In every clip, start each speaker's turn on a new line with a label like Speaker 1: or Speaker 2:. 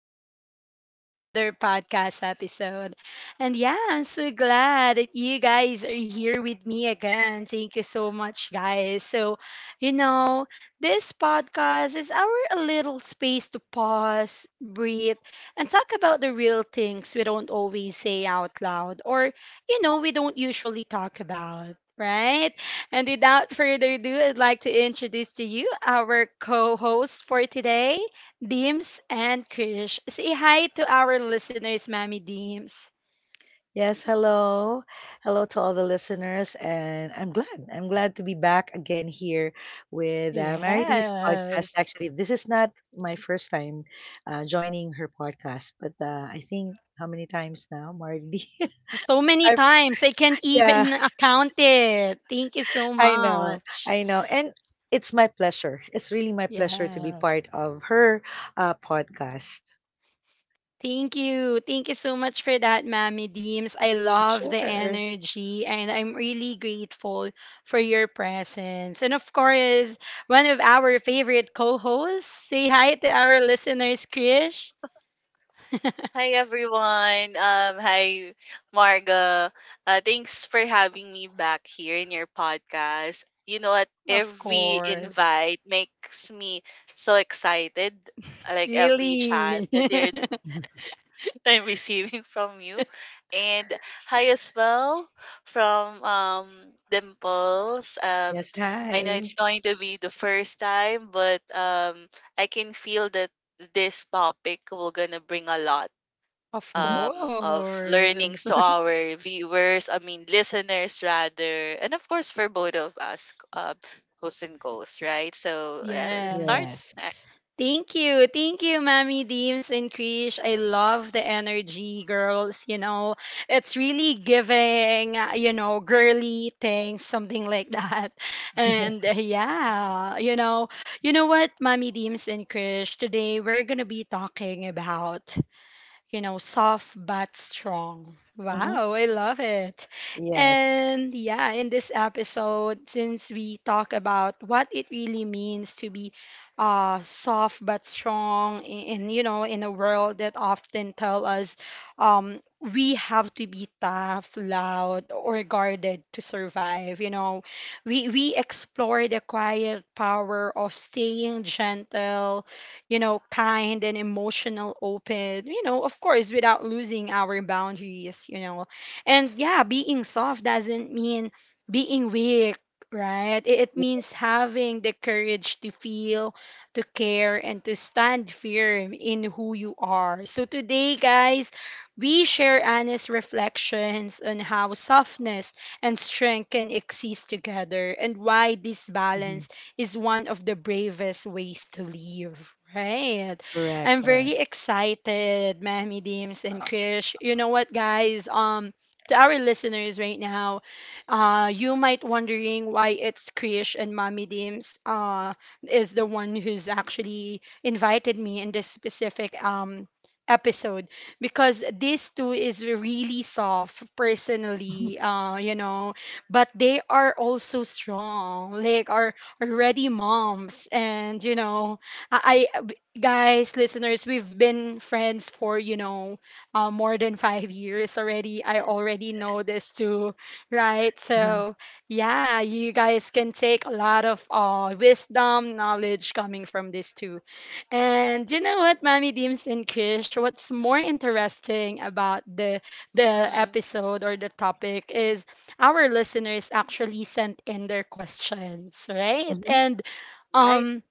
Speaker 1: welcome back to another podcast episode. And yeah, I'm so glad that you guys are here with me again. Thank you so much, guys. You know, this podcast is our little space to pause, breathe, and talk about the real things we don't always say out loud or we don't usually talk about, right? And without further ado, I'd like to introduce to you our co hosts for today, Deems and Krish. Say hi to our listeners, Mammy Deems.
Speaker 2: Yes, hello. Hello to all the listeners. And I'm glad. I'm glad to be back again here with Maridy's podcast.
Speaker 1: Yes.
Speaker 2: Actually, this is not my first time joining her podcast, but I think how many times now, Maridy?
Speaker 1: So many
Speaker 2: I,
Speaker 1: times, I can't
Speaker 2: yeah,
Speaker 1: even account it. Thank you so
Speaker 2: I know.
Speaker 1: much.
Speaker 2: I know. And it's my pleasure. It's really my pleasure to be
Speaker 1: Yes.
Speaker 2: part of her podcast.
Speaker 1: Thank you. Thank you so much for that, Mammy Deems. I love the
Speaker 2: Sure.
Speaker 1: energy and I'm really grateful for your presence. And of course, one of our favorite co-hosts. Say hi to our listeners, Krish.
Speaker 3: Hi everyone. Hi Marga. Thanks for having me back here in your podcast. You know what?
Speaker 1: Of
Speaker 3: Every
Speaker 1: course.
Speaker 3: invite makes me so excited. Like every chat
Speaker 1: Really?
Speaker 3: that you're, I'm receiving from you, and hi as well from Dimples. Um,
Speaker 2: Yes,
Speaker 3: I know it's
Speaker 2: hi.
Speaker 3: going to be the first time, but I can feel that this topic will gonna bring a lot
Speaker 1: Of
Speaker 2: hmm
Speaker 3: of learnings
Speaker 1: course.
Speaker 3: to our viewers, I mean, listeners rather, and of course for both of us, hosts and goals, right? So let's start.
Speaker 1: Yes.
Speaker 3: Uh,
Speaker 2: Yes.
Speaker 1: Thank you. Thank you, Mammy Deems and Krish. I love the energy, girls. It's really giving, girly things, something like that. And what, Mammy Deems and Krish, today we're going to be talking about, soft but strong.
Speaker 2: hmm
Speaker 1: Wow, I love it.
Speaker 2: Yes.
Speaker 1: And yeah, in this episode, since we talk about what it really means to be soft but strong, in a world that often tell us we have to be tough, loud, or guarded to survive. You know, we explore the quiet power of staying gentle, kind and emotional, open, of course, without losing our boundaries. And yeah, being soft doesn't mean being weak, right? It
Speaker 2: Yeah.
Speaker 1: means having the courage to feel, to care, and to stand firm in who you are. So today, guys, we share honest reflections on how softness and strength can exist together and why this
Speaker 2: Mm-hmm.
Speaker 1: balance is one of the bravest ways to live, right?
Speaker 2: Correct,
Speaker 1: I'm
Speaker 2: correct.
Speaker 1: very excited, Mahmi Deems and Krish. You know what, guys? To our listeners right now, you might wondering why it's Krish and Mommy Deems is the one who's actually invited me in this specific episode because these two is really soft personally but they are also strong like are ready moms. And, you know, guys, listeners, we've been friends for, you know, more than five years already. I already know this too, right?
Speaker 2: Mhm,
Speaker 1: So, yeah, you guys can take a lot of wisdom, knowledge coming from this too. And you know what, Mommy Deems and Krish, what's more interesting about the
Speaker 3: mhm.
Speaker 1: episode or the topic is our listeners actually sent in their questions, right?
Speaker 2: mhm,
Speaker 1: And
Speaker 3: Right.
Speaker 1: um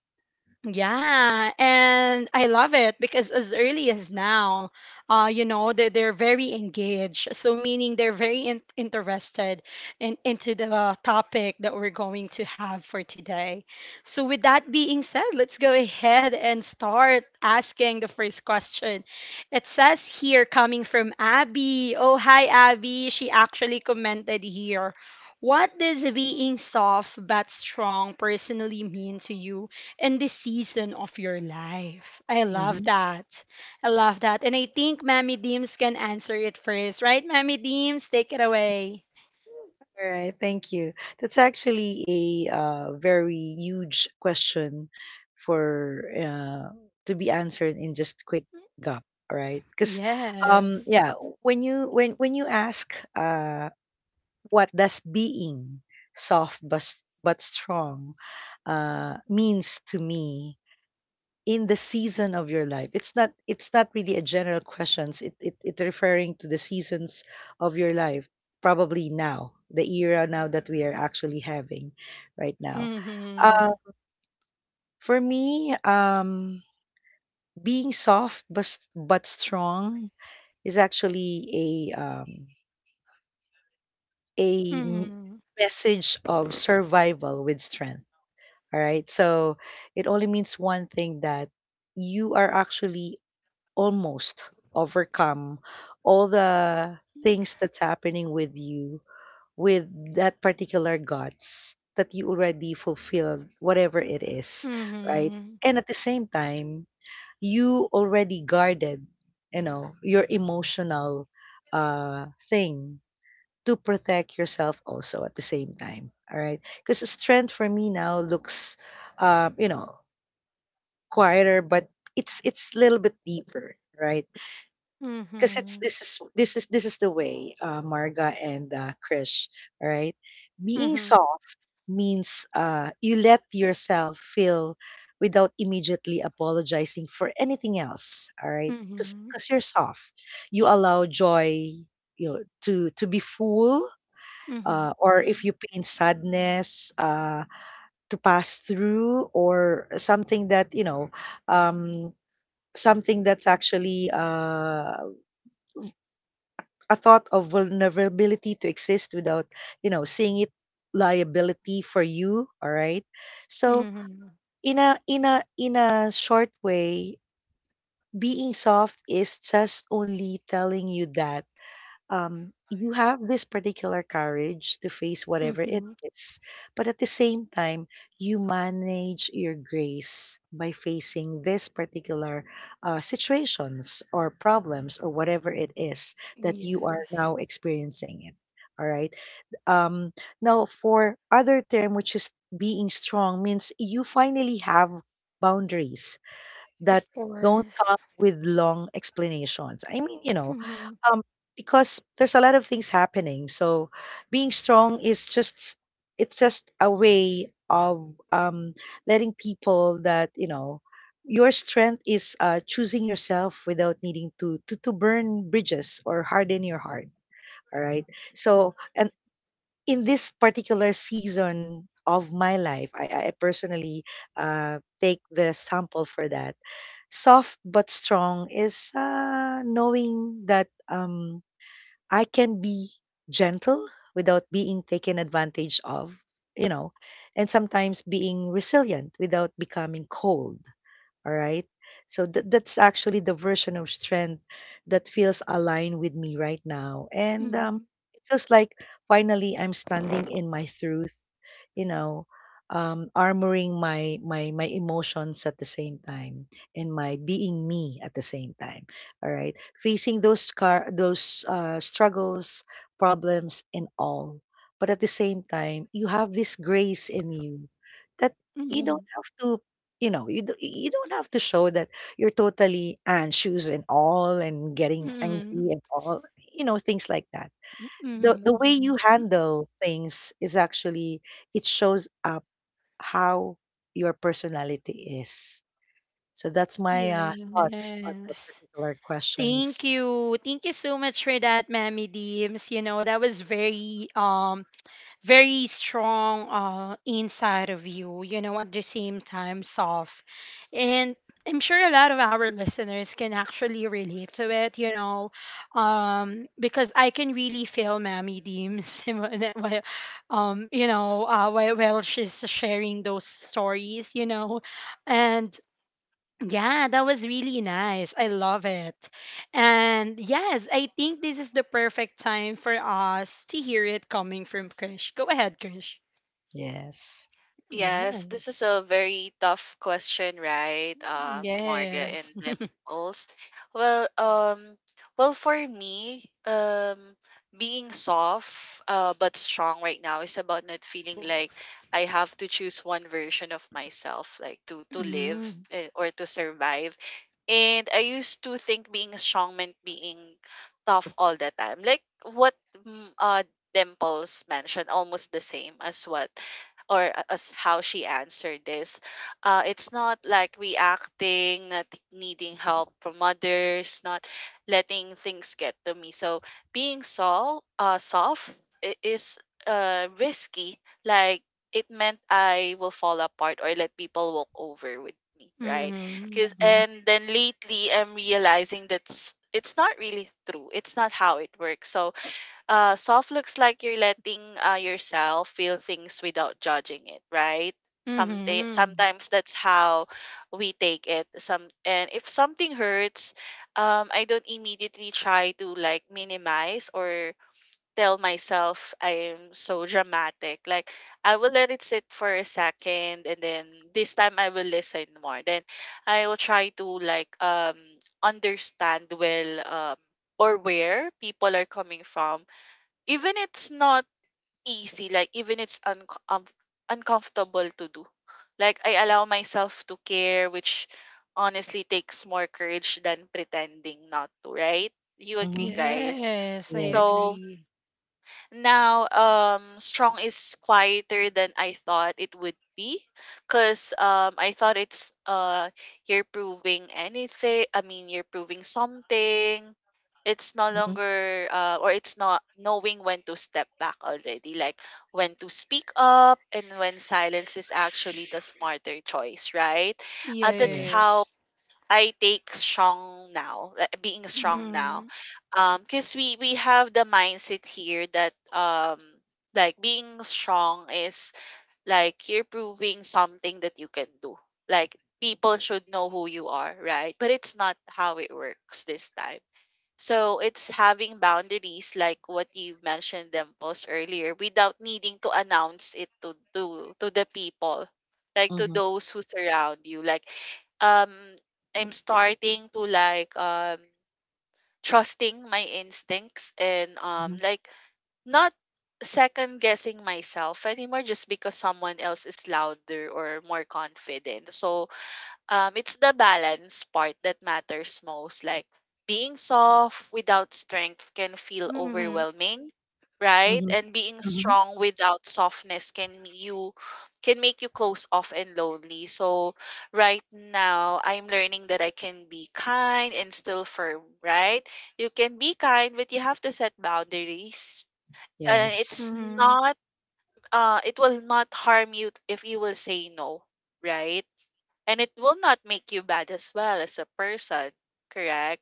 Speaker 1: yeah, and I love it because as early as now, they're very engaged. So meaning they're very in interested in into the topic that we're going to have for today. So with that being said, let's go ahead and start asking the first question. It says here coming from Abby. Oh, hi Abby. She actually commented here. What does being soft but strong personally mean to you in this season of your life? I love
Speaker 2: mhm.
Speaker 1: that. I love that. And I think Mammy Deems can answer it first, right? Mammy Deems, take it away.
Speaker 2: All right, thank you. That's actually a very huge question for to be answered in just quick gap. All right, because
Speaker 1: Yes.
Speaker 2: yeah, when you ask what does being soft but strong means to me, in the season of your life, it's not really a general questions, it referring to the seasons of your life, probably now the era now that we are actually having right now. uh
Speaker 1: Mhm.
Speaker 2: for me, being soft but strong is actually a m-
Speaker 1: Mhm.
Speaker 2: message of survival with strength. All right, so it only means one thing, that you are actually almost overcome all the things that's happening with you, with that particular guts that you already fulfilled, whatever it is, right?
Speaker 1: Mhm.
Speaker 2: And at the same time, you already guarded, you know, your emotional thing, to protect yourself also at the same time. All right, because strength for me now looks, you know, quieter, but it's a little bit deeper, right? 'Cause it's
Speaker 1: Mhm.
Speaker 2: this is the way, Marga, and Krish. All right, being
Speaker 1: Mhm.
Speaker 2: soft means, you let yourself feel without immediately apologizing for anything else. All right, because, right?
Speaker 1: Mhm.
Speaker 2: 'Cause you're soft. You allow joy, you know, to be full,
Speaker 1: Mhm.
Speaker 2: or if you pain sadness, to pass through, or something that, you know, um, something that's actually a thought of vulnerability to exist without, you know, seeing it liability for you, all right? So,
Speaker 1: Mhm.
Speaker 2: in a short way, being soft is just only telling you that you have this particular courage to face whatever it
Speaker 1: Mhm.
Speaker 2: is, but at the same time, you manage your grace by facing this particular situations or problems or whatever it is that you are
Speaker 1: Yes.
Speaker 2: now experiencing it. All right. Um, Now, for other term, which is being strong, means you finally have boundaries that
Speaker 1: Of
Speaker 2: don't come
Speaker 1: course.
Speaker 2: with long explanations. I mean, you know,
Speaker 1: Mhm.
Speaker 2: um, because there's a lot of things happening. So being strong is just it's just a way of, letting people that you know your strength is, choosing yourself without needing to burn bridges or harden your heart. All right. So and in this particular season of my life, I personally take the sample for that. Soft but strong is knowing that. I can be gentle without being taken advantage of, you know, and sometimes being resilient without becoming cold. All right. So that's actually the version of strength that feels aligned with me right now. And
Speaker 1: Mhm.
Speaker 2: it feels like finally I'm standing in my truth, you know, armoring my emotions at the same time, and my being me at the same time. All right. Facing those scar, those struggles, problems, and all. But at the same time, you have this grace in you, that you
Speaker 1: Mhm.
Speaker 2: don't have to, you know, you don't have to show that you're totally and shoes and all and getting angry
Speaker 1: Mhm.
Speaker 2: and all, you know, things like that. The
Speaker 1: Mhm.
Speaker 2: way you handle things is actually it shows up how your personality is. So that's my thoughts on that
Speaker 1: Yes.
Speaker 2: particular questions.
Speaker 1: Thank you. Thank you so much for that, Mammy Deems. You know, that was very strong inside of you, you know, at the same time soft. And I'm sure a lot of our listeners can actually relate to it, you know. Because I can really feel Mammy Deems you know, while she's sharing those stories, you know. And yeah, that was really nice. I love it. And yes, I think this is the perfect time for us to hear it coming from Krish. Go ahead, Krish.
Speaker 2: Yes.
Speaker 3: Yes, this is
Speaker 1: Yes.
Speaker 3: a very tough question, right, Marga and
Speaker 1: Yes.
Speaker 3: Dimples? Well, well, for me, being soft, but strong right now is about not feeling like I have to choose one version of myself, like to live,
Speaker 1: Mm-hmm.
Speaker 3: or to survive. And I used to think being strong meant being tough all the time. Like what, Dimples mentioned, almost the same as what or a- as how she answered this. It's not like reacting, not needing help from others, not letting things get to me. So being soft is risky. Like it meant I will fall apart or let people walk over with me, right? Cause,
Speaker 1: Mm-hmm.
Speaker 2: Mhm.
Speaker 3: and then, lately, I'm realizing that's it's not really true. It's not how it works. So soft looks like you're letting yourself feel things without judging it, right? Some
Speaker 1: Mm-hmm.
Speaker 3: sometimes that's how we take it. Some and if something hurts, I don't immediately try to, like, minimize or tell myself I'm so dramatic. Like, I will let it sit for a second, and then this time I will listen more. Then I will try to, like, understand well, or where people are coming from. Even it's not easy, like, even it's uncomfortable to do. Like, I allow myself to care, which honestly takes more courage than pretending not to, right? You agree,
Speaker 2: Mhm.
Speaker 3: guys?
Speaker 1: Yes, I
Speaker 2: Yes.
Speaker 3: So
Speaker 1: agree.
Speaker 3: now, strong is quieter than I thought it would be, cause, I thought it's you're proving anything. I mean, you're proving something. It's no
Speaker 2: Mhm.
Speaker 3: longer or it's not knowing when to step back already, like when to speak up and when silence is actually the smarter choice, right? That's
Speaker 2: Yeah.
Speaker 3: how
Speaker 1: Yes.
Speaker 3: I take strong now, being strong now.
Speaker 1: Mm-hmm.
Speaker 3: Because we have the mindset here that, like, being strong is like you're proving something that you can do. Like, people should know who you are, right? But it's not how it works this time. So it's having boundaries like what you mentioned them post earlier, without needing to announce it to the people, like to
Speaker 2: Mhm.
Speaker 3: those who surround you. Like, um I'm starting to, like, trusting my instincts and,
Speaker 2: Mhm.
Speaker 3: like, not second guessing myself anymore just because someone else is louder or more confident. So, it's the balance part that matters most. Like, being soft without strength can feel
Speaker 1: Mm-hmm.
Speaker 3: overwhelming, right?
Speaker 2: Mhm.
Speaker 3: And being
Speaker 2: Mhm.
Speaker 3: strong without softness can make you close off and lonely. So right now, I'm learning that I can be kind and still firm, right? You can be kind, but you have to set boundaries. And
Speaker 2: Yes.
Speaker 3: it's
Speaker 1: Mm-hmm.
Speaker 3: not uh it will not harm you if you will say no, right? And it will not make you bad as well as a person, correct?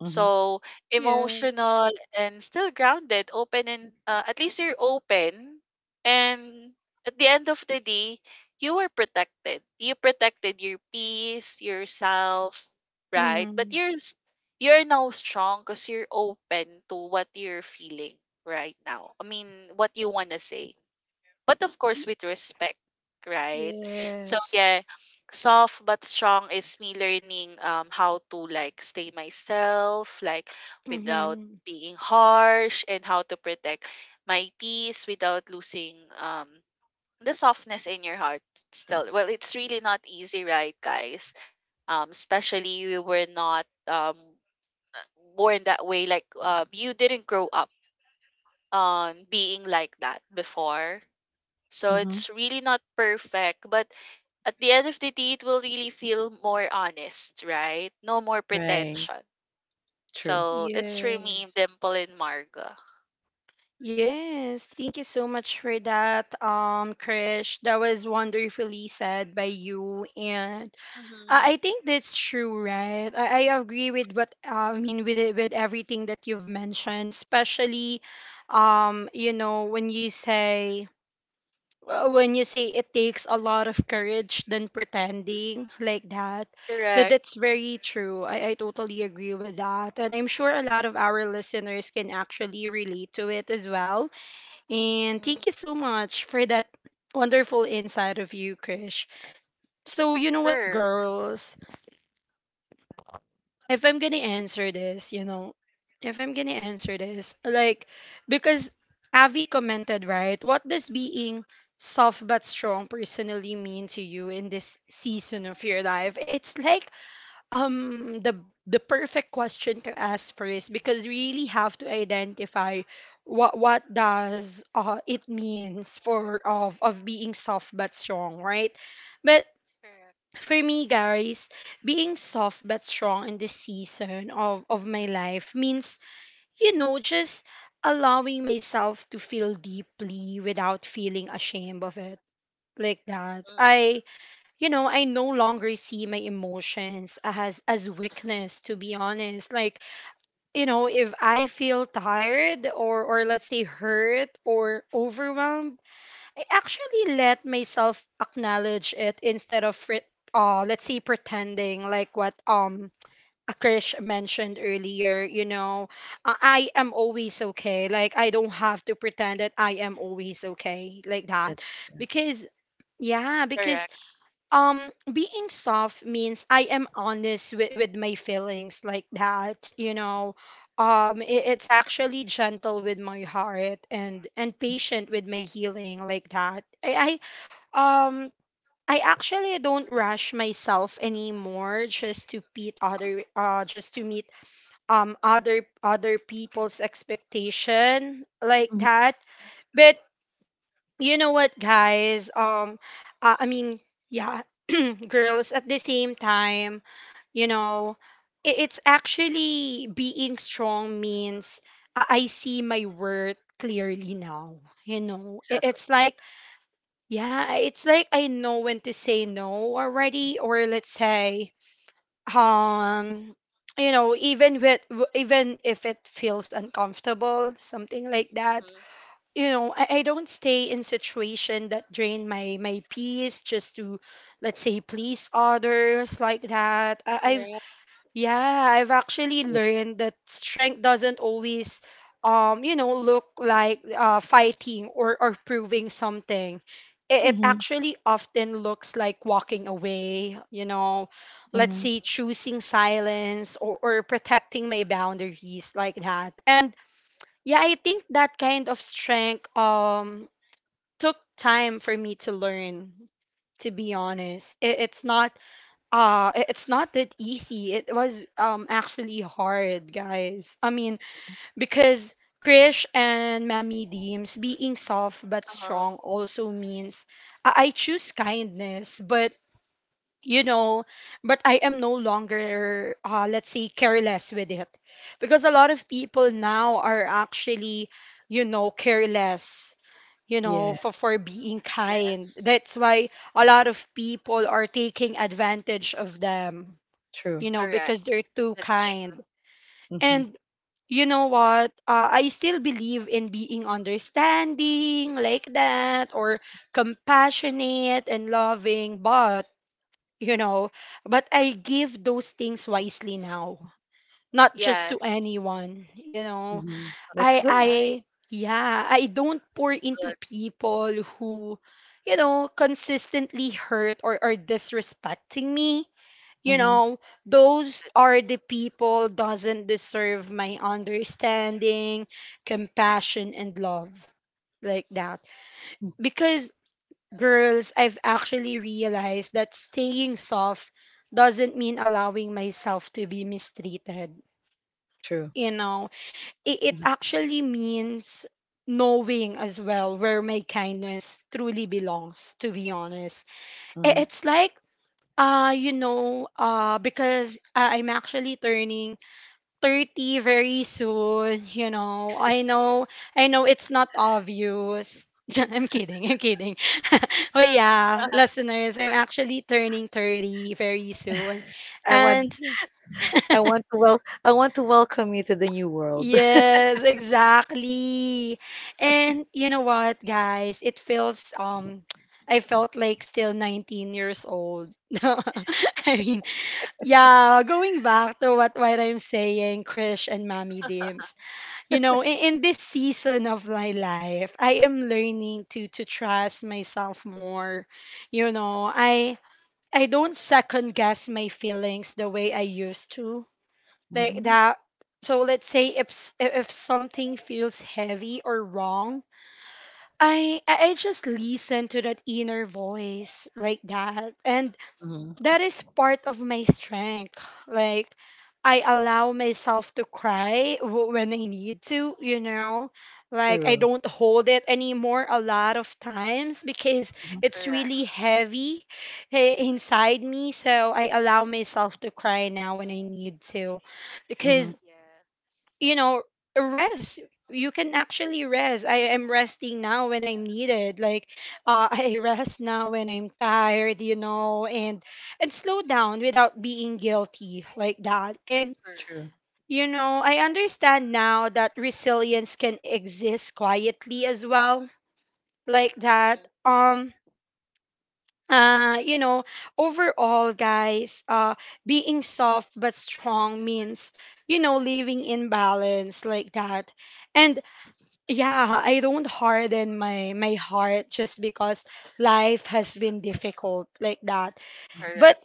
Speaker 2: Mhm.
Speaker 3: So,
Speaker 1: Yeah.
Speaker 3: emotional and still grounded, open and, at least you're open, and at the end of the day, you were protected. You protected your peace, yourself, right? But
Speaker 1: Mm-hmm.
Speaker 3: you're now strong because you're open to what you're feeling right now. I mean, what you wanna say, but of course with respect, right? So
Speaker 1: Yes.
Speaker 3: yeah, soft but strong is me learning, how to, like, stay myself, like, without
Speaker 1: Mm-hmm.
Speaker 3: being harsh, and how to protect my peace without losing, um the softness in your heart still. Well, it's really not easy, right, guys? Especially we were not, born that way, like, you didn't grow up, being like that before, so
Speaker 2: Mhm.
Speaker 3: it's really not perfect. But at the end of the day, it will really feel more honest, right? No more
Speaker 2: Right.
Speaker 3: pretension.
Speaker 2: True.
Speaker 3: So that's for me,
Speaker 1: Yes.
Speaker 3: Dimple and Marga.
Speaker 1: Yes, thank you so much for that, Krish. That was wonderfully said by you, and
Speaker 3: Mm-hmm.
Speaker 1: I think that's true, right? I agree with what I mean with it, with everything that you've mentioned, especially, you know, when you say it takes a lot of courage than pretending like that, that
Speaker 3: Correct.
Speaker 1: that's very true. I totally agree with that, and I'm sure a lot of our listeners can actually relate to it as well, and
Speaker 3: Mm-hmm.
Speaker 1: thank you so much for that wonderful insight of you, Krish. So, you know what,
Speaker 3: Sure.
Speaker 1: girls? If I'm going to answer this, you know, if I'm going to answer this, like, because Avi commented, right? What does being soft but strong personally mean to you in this season of your life? It's like um the the perfect question to ask first because you really have to identify what does it means for of being soft but strong, right? But
Speaker 3: Correct.
Speaker 1: for me, guys, being soft but strong in this season of my life means, you know, just allowing myself to feel deeply without feeling ashamed of it, like that
Speaker 3: Hmm.
Speaker 1: I you know, I no longer see my emotions as weakness, to be honest. Like, you know, if I feel tired or let's say hurt or overwhelmed, I actually let myself acknowledge it instead of let's say pretending like what Akrish mentioned earlier, you know, I am always okay. Like I don't have to pretend that I am always okay like that
Speaker 2: That,
Speaker 1: because yeah, because
Speaker 3: Correct.
Speaker 1: being soft means I am honest with my feelings like that, you know. It's actually gentle with my heart and patient with my healing like that. I um I actually don't rush myself anymore just to meet other just to meet other other people's expectation like
Speaker 2: mhm.
Speaker 1: that. But you know what guys I mean yeah, girls, at the same time, you know, it's actually being strong means I see my worth clearly now, you know.
Speaker 2: Exactly.
Speaker 1: It's like, yeah, it's like I know when to say no already, or let's say, um you know, even even if it feels uncomfortable, something like that.
Speaker 3: Hmm.
Speaker 1: You know, I don't stay in situation that drain my my peace just to let's say please others like that. I, I've
Speaker 3: Correct.
Speaker 1: Yeah, I've actually
Speaker 2: Yeah.
Speaker 1: learned that strength doesn't always, you know, look like fighting or proving something. It
Speaker 2: Mhm,
Speaker 1: actually often looks like walking away, you know, let's
Speaker 2: mhm.
Speaker 1: say choosing silence, or protecting my boundaries like that. And yeah, I think that kind of strength took time for me to learn. To be honest, it, it's not it's not that easy. It was actually hard, guys. I mean, because Krish and Mammy Deems, being soft but
Speaker 3: Uh-huh.
Speaker 1: strong also means I choose kindness, but, you know, but I am no longer, let's say, careless with it because a lot of people now are actually, you know, careless, you know, for,
Speaker 2: Yes,
Speaker 1: for being kind.
Speaker 3: Yes.
Speaker 1: That's why a lot of people are taking advantage of them,
Speaker 2: true,
Speaker 1: you know,
Speaker 3: Correct.
Speaker 1: because they're too
Speaker 3: That's
Speaker 2: true.
Speaker 3: true.
Speaker 1: kind.
Speaker 2: Mhm,
Speaker 1: And you know what, I still believe in being understanding like that,
Speaker 3: Mhm.
Speaker 1: or compassionate and loving, but, you know, but I give those things wisely now, not just to
Speaker 3: Yes.
Speaker 1: anyone, you know.
Speaker 2: mhm. That's good.
Speaker 1: I
Speaker 3: Right.
Speaker 1: Yeah, I don't
Speaker 3: That's
Speaker 1: pour into
Speaker 3: good.
Speaker 1: people who, you know, consistently hurt or are disrespecting me, you
Speaker 2: Mhm,
Speaker 1: know. Those
Speaker 3: That,
Speaker 1: are the people doesn't deserve my understanding, compassion and love like that
Speaker 2: mm,
Speaker 1: because, girls, I've actually realized that staying soft doesn't mean allowing myself to be mistreated.
Speaker 2: true.
Speaker 1: You know, it
Speaker 2: Mhm,
Speaker 1: actually
Speaker 3: yes.
Speaker 1: means knowing as well where my kindness truly belongs, to be honest.
Speaker 2: mhm.
Speaker 1: It's like, because I'm actually turning 30 very soon, you know. I know it's not obvious. I'm kidding. I'm kidding. But yeah, listeners, I'm actually turning 30 very soon.
Speaker 2: I want
Speaker 1: And
Speaker 2: I want to welcome you to the new world.
Speaker 1: yes, exactly. And you know what, guys? It feels I felt like still 19 years old. I mean, yeah, going back to what I'm saying, Krish and Mommy Dims. You know, in this season of my life, I am learning to trust myself more, you know. I don't second guess my feelings the way I used to, like
Speaker 2: Mhm,
Speaker 1: that. So let's say if if something feels heavy or wrong, I just listen to that inner voice like that. And
Speaker 2: mhm.
Speaker 1: that is part of my strength. Like, I allow myself to cry when I need to, you know? Like, I
Speaker 2: True.
Speaker 1: don't hold it anymore a lot of times because
Speaker 2: Mhm,
Speaker 1: it's
Speaker 3: Correct.
Speaker 1: really heavy, eh, inside me. So, I allow myself to cry now when I need to.
Speaker 2: mhm.
Speaker 1: Because
Speaker 3: Yes.
Speaker 1: you know rest, you can actually rest. I am resting now when I'm needed, like, I rest now when I'm tired, you know. And slow down without being guilty, like that. And
Speaker 3: Correct.
Speaker 2: True.
Speaker 1: you know, I understand now that resilience can exist quietly as well, like that.
Speaker 3: Hmm.
Speaker 1: You know, overall, guys, being soft but strong means, you know, living in balance, like that. And yeah, I don't harden my heart just because life has been difficult, like that.
Speaker 2: Mhm.
Speaker 1: But
Speaker 3: Correct.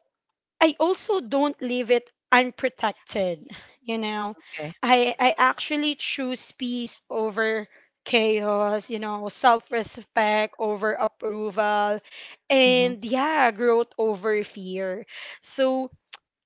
Speaker 1: I also don't leave it unprotected, you know.
Speaker 2: Okay.
Speaker 1: I
Speaker 3: Hmm.
Speaker 1: actually choose peace over chaos, you know, self-respect over approval.
Speaker 2: Mhm.
Speaker 1: And yeah, growth over fear. So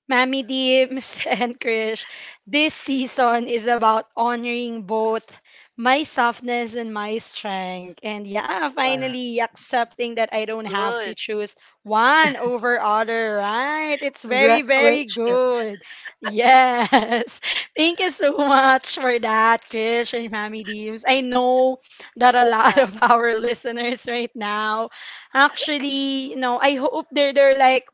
Speaker 1: Mammy Dims and Krish, this season is about honoring both my softness and my strength. And yeah,
Speaker 2: Wow.
Speaker 1: finally accepting that I don't have to
Speaker 3: Good.
Speaker 1: choose one over other, right? It's very, very
Speaker 2: Congratulations.
Speaker 1: good. Yes. Thank you so much for that, Krish and Mammy Dims. I know that a lot
Speaker 3: Yeah.
Speaker 1: of our listeners right now actually, you know, I hope they're like,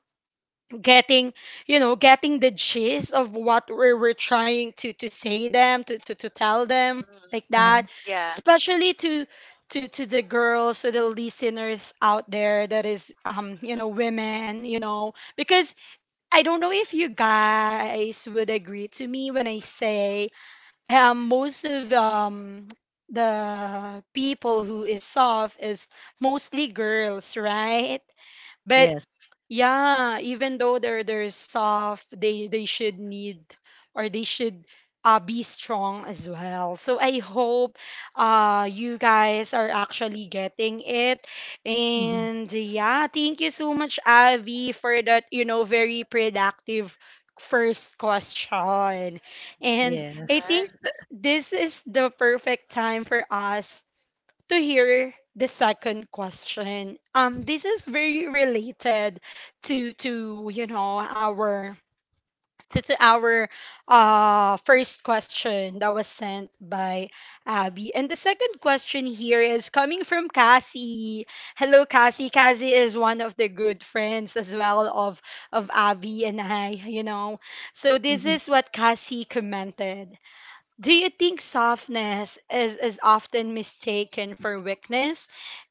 Speaker 1: getting, you know, getting the gist of what we were trying to say them to, to tell them,
Speaker 3: Mm.
Speaker 1: like that.
Speaker 2: Uh-huh.
Speaker 3: Yeah.
Speaker 1: Especially to to the girls, to the listeners out there, that is, you know, women, you know, because I don't know if you guys would agree to me when I say, most of, the people who is soft is mostly girls, right? But
Speaker 2: Yes.
Speaker 1: yeah, even though they're soft, they should need, or they should, be strong as well. So I hope you guys are actually getting it.
Speaker 2: Mhm.
Speaker 1: And yeah, thank you so much, Avi, for that, you know, very productive first question. And I
Speaker 2: Yes.
Speaker 3: Right.
Speaker 1: think this is the perfect time for us to hear the second question. This is very related to you know our to, our first question that was sent by Abby. And the second question here is coming from Cassie. Hello, Cassie. Cassie is one of the good friends as well of Abby and I. You know, so this
Speaker 2: Mhm.
Speaker 1: is what Cassie commented. Do you think softness is often mistaken for weakness?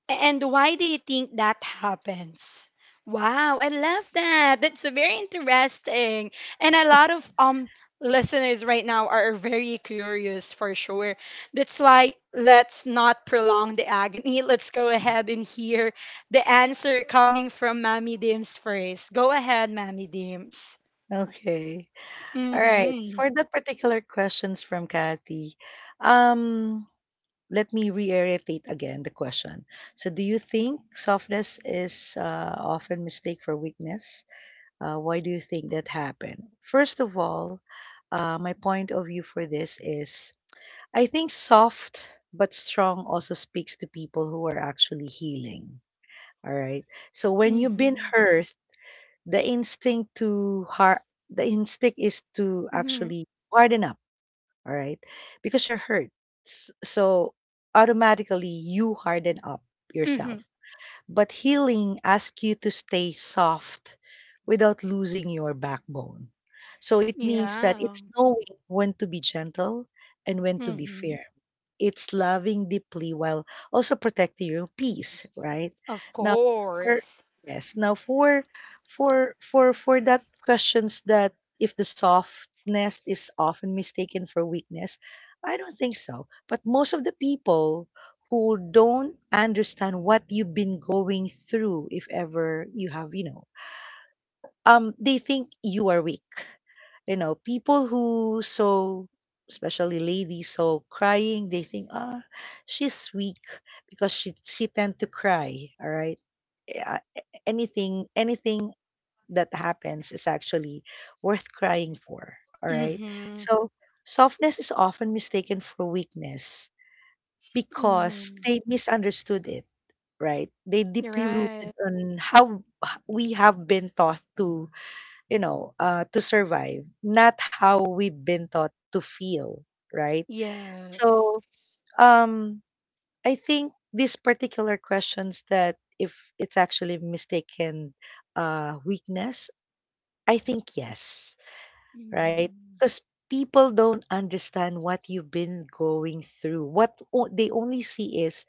Speaker 1: And why do you think that happens? Wow, I love that. That's very interesting. And a lot of listeners right now are very curious for sure. That's why let's not prolong the agony. Let's go ahead and hear the answer coming from Mammy Dims first. Go ahead, Mammy Dims.
Speaker 2: Okay. All right.
Speaker 1: Mhm.
Speaker 2: For that particular questions from Kathy, um, let me reiterate again the question. So, do you think softness is often mistake for weakness? Why do you think that happened? First of all, my point of view for this is, I think soft but strong also speaks to people who are actually healing. Alright. So when you've
Speaker 1: Mhm.
Speaker 2: been hurt, the instinct to har the instinct is to actually harden up, all right? Because you're hurt. So automatically you harden up
Speaker 1: Mhm.
Speaker 2: yourself. But healing asks you to stay soft without losing your backbone. So it means that
Speaker 1: Yeah.
Speaker 2: it's knowing when to be gentle and when to be
Speaker 1: Mhm.
Speaker 2: fair, it's loving deeply while also protecting your peace, right?
Speaker 1: Of
Speaker 2: Now for,
Speaker 1: course.
Speaker 2: yes, now for for that questions that if the softness is often mistaken for weakness, I don't think so, but most of the people who don't understand what you've been going through, if ever you have, you know, they think you are weak, you know, people who so, especially ladies, so crying, they think, ah, she's weak because she tend to cry. All right. Uh, anything that happens is actually worth crying for. All right.
Speaker 1: Mhm.
Speaker 2: So softness is often mistaken for weakness because
Speaker 1: Mhm.
Speaker 2: they misunderstood it, right? They deeply rooted
Speaker 1: Right.
Speaker 2: on how we have been taught to, you know, to survive, not how we've been taught to feel, right?
Speaker 1: Yes.
Speaker 2: So, um, I think these particular questions that if it's actually mistaken weakness, I think yes, right?
Speaker 1: Mhm.
Speaker 2: Because people don't understand what you've been going through. What they only see is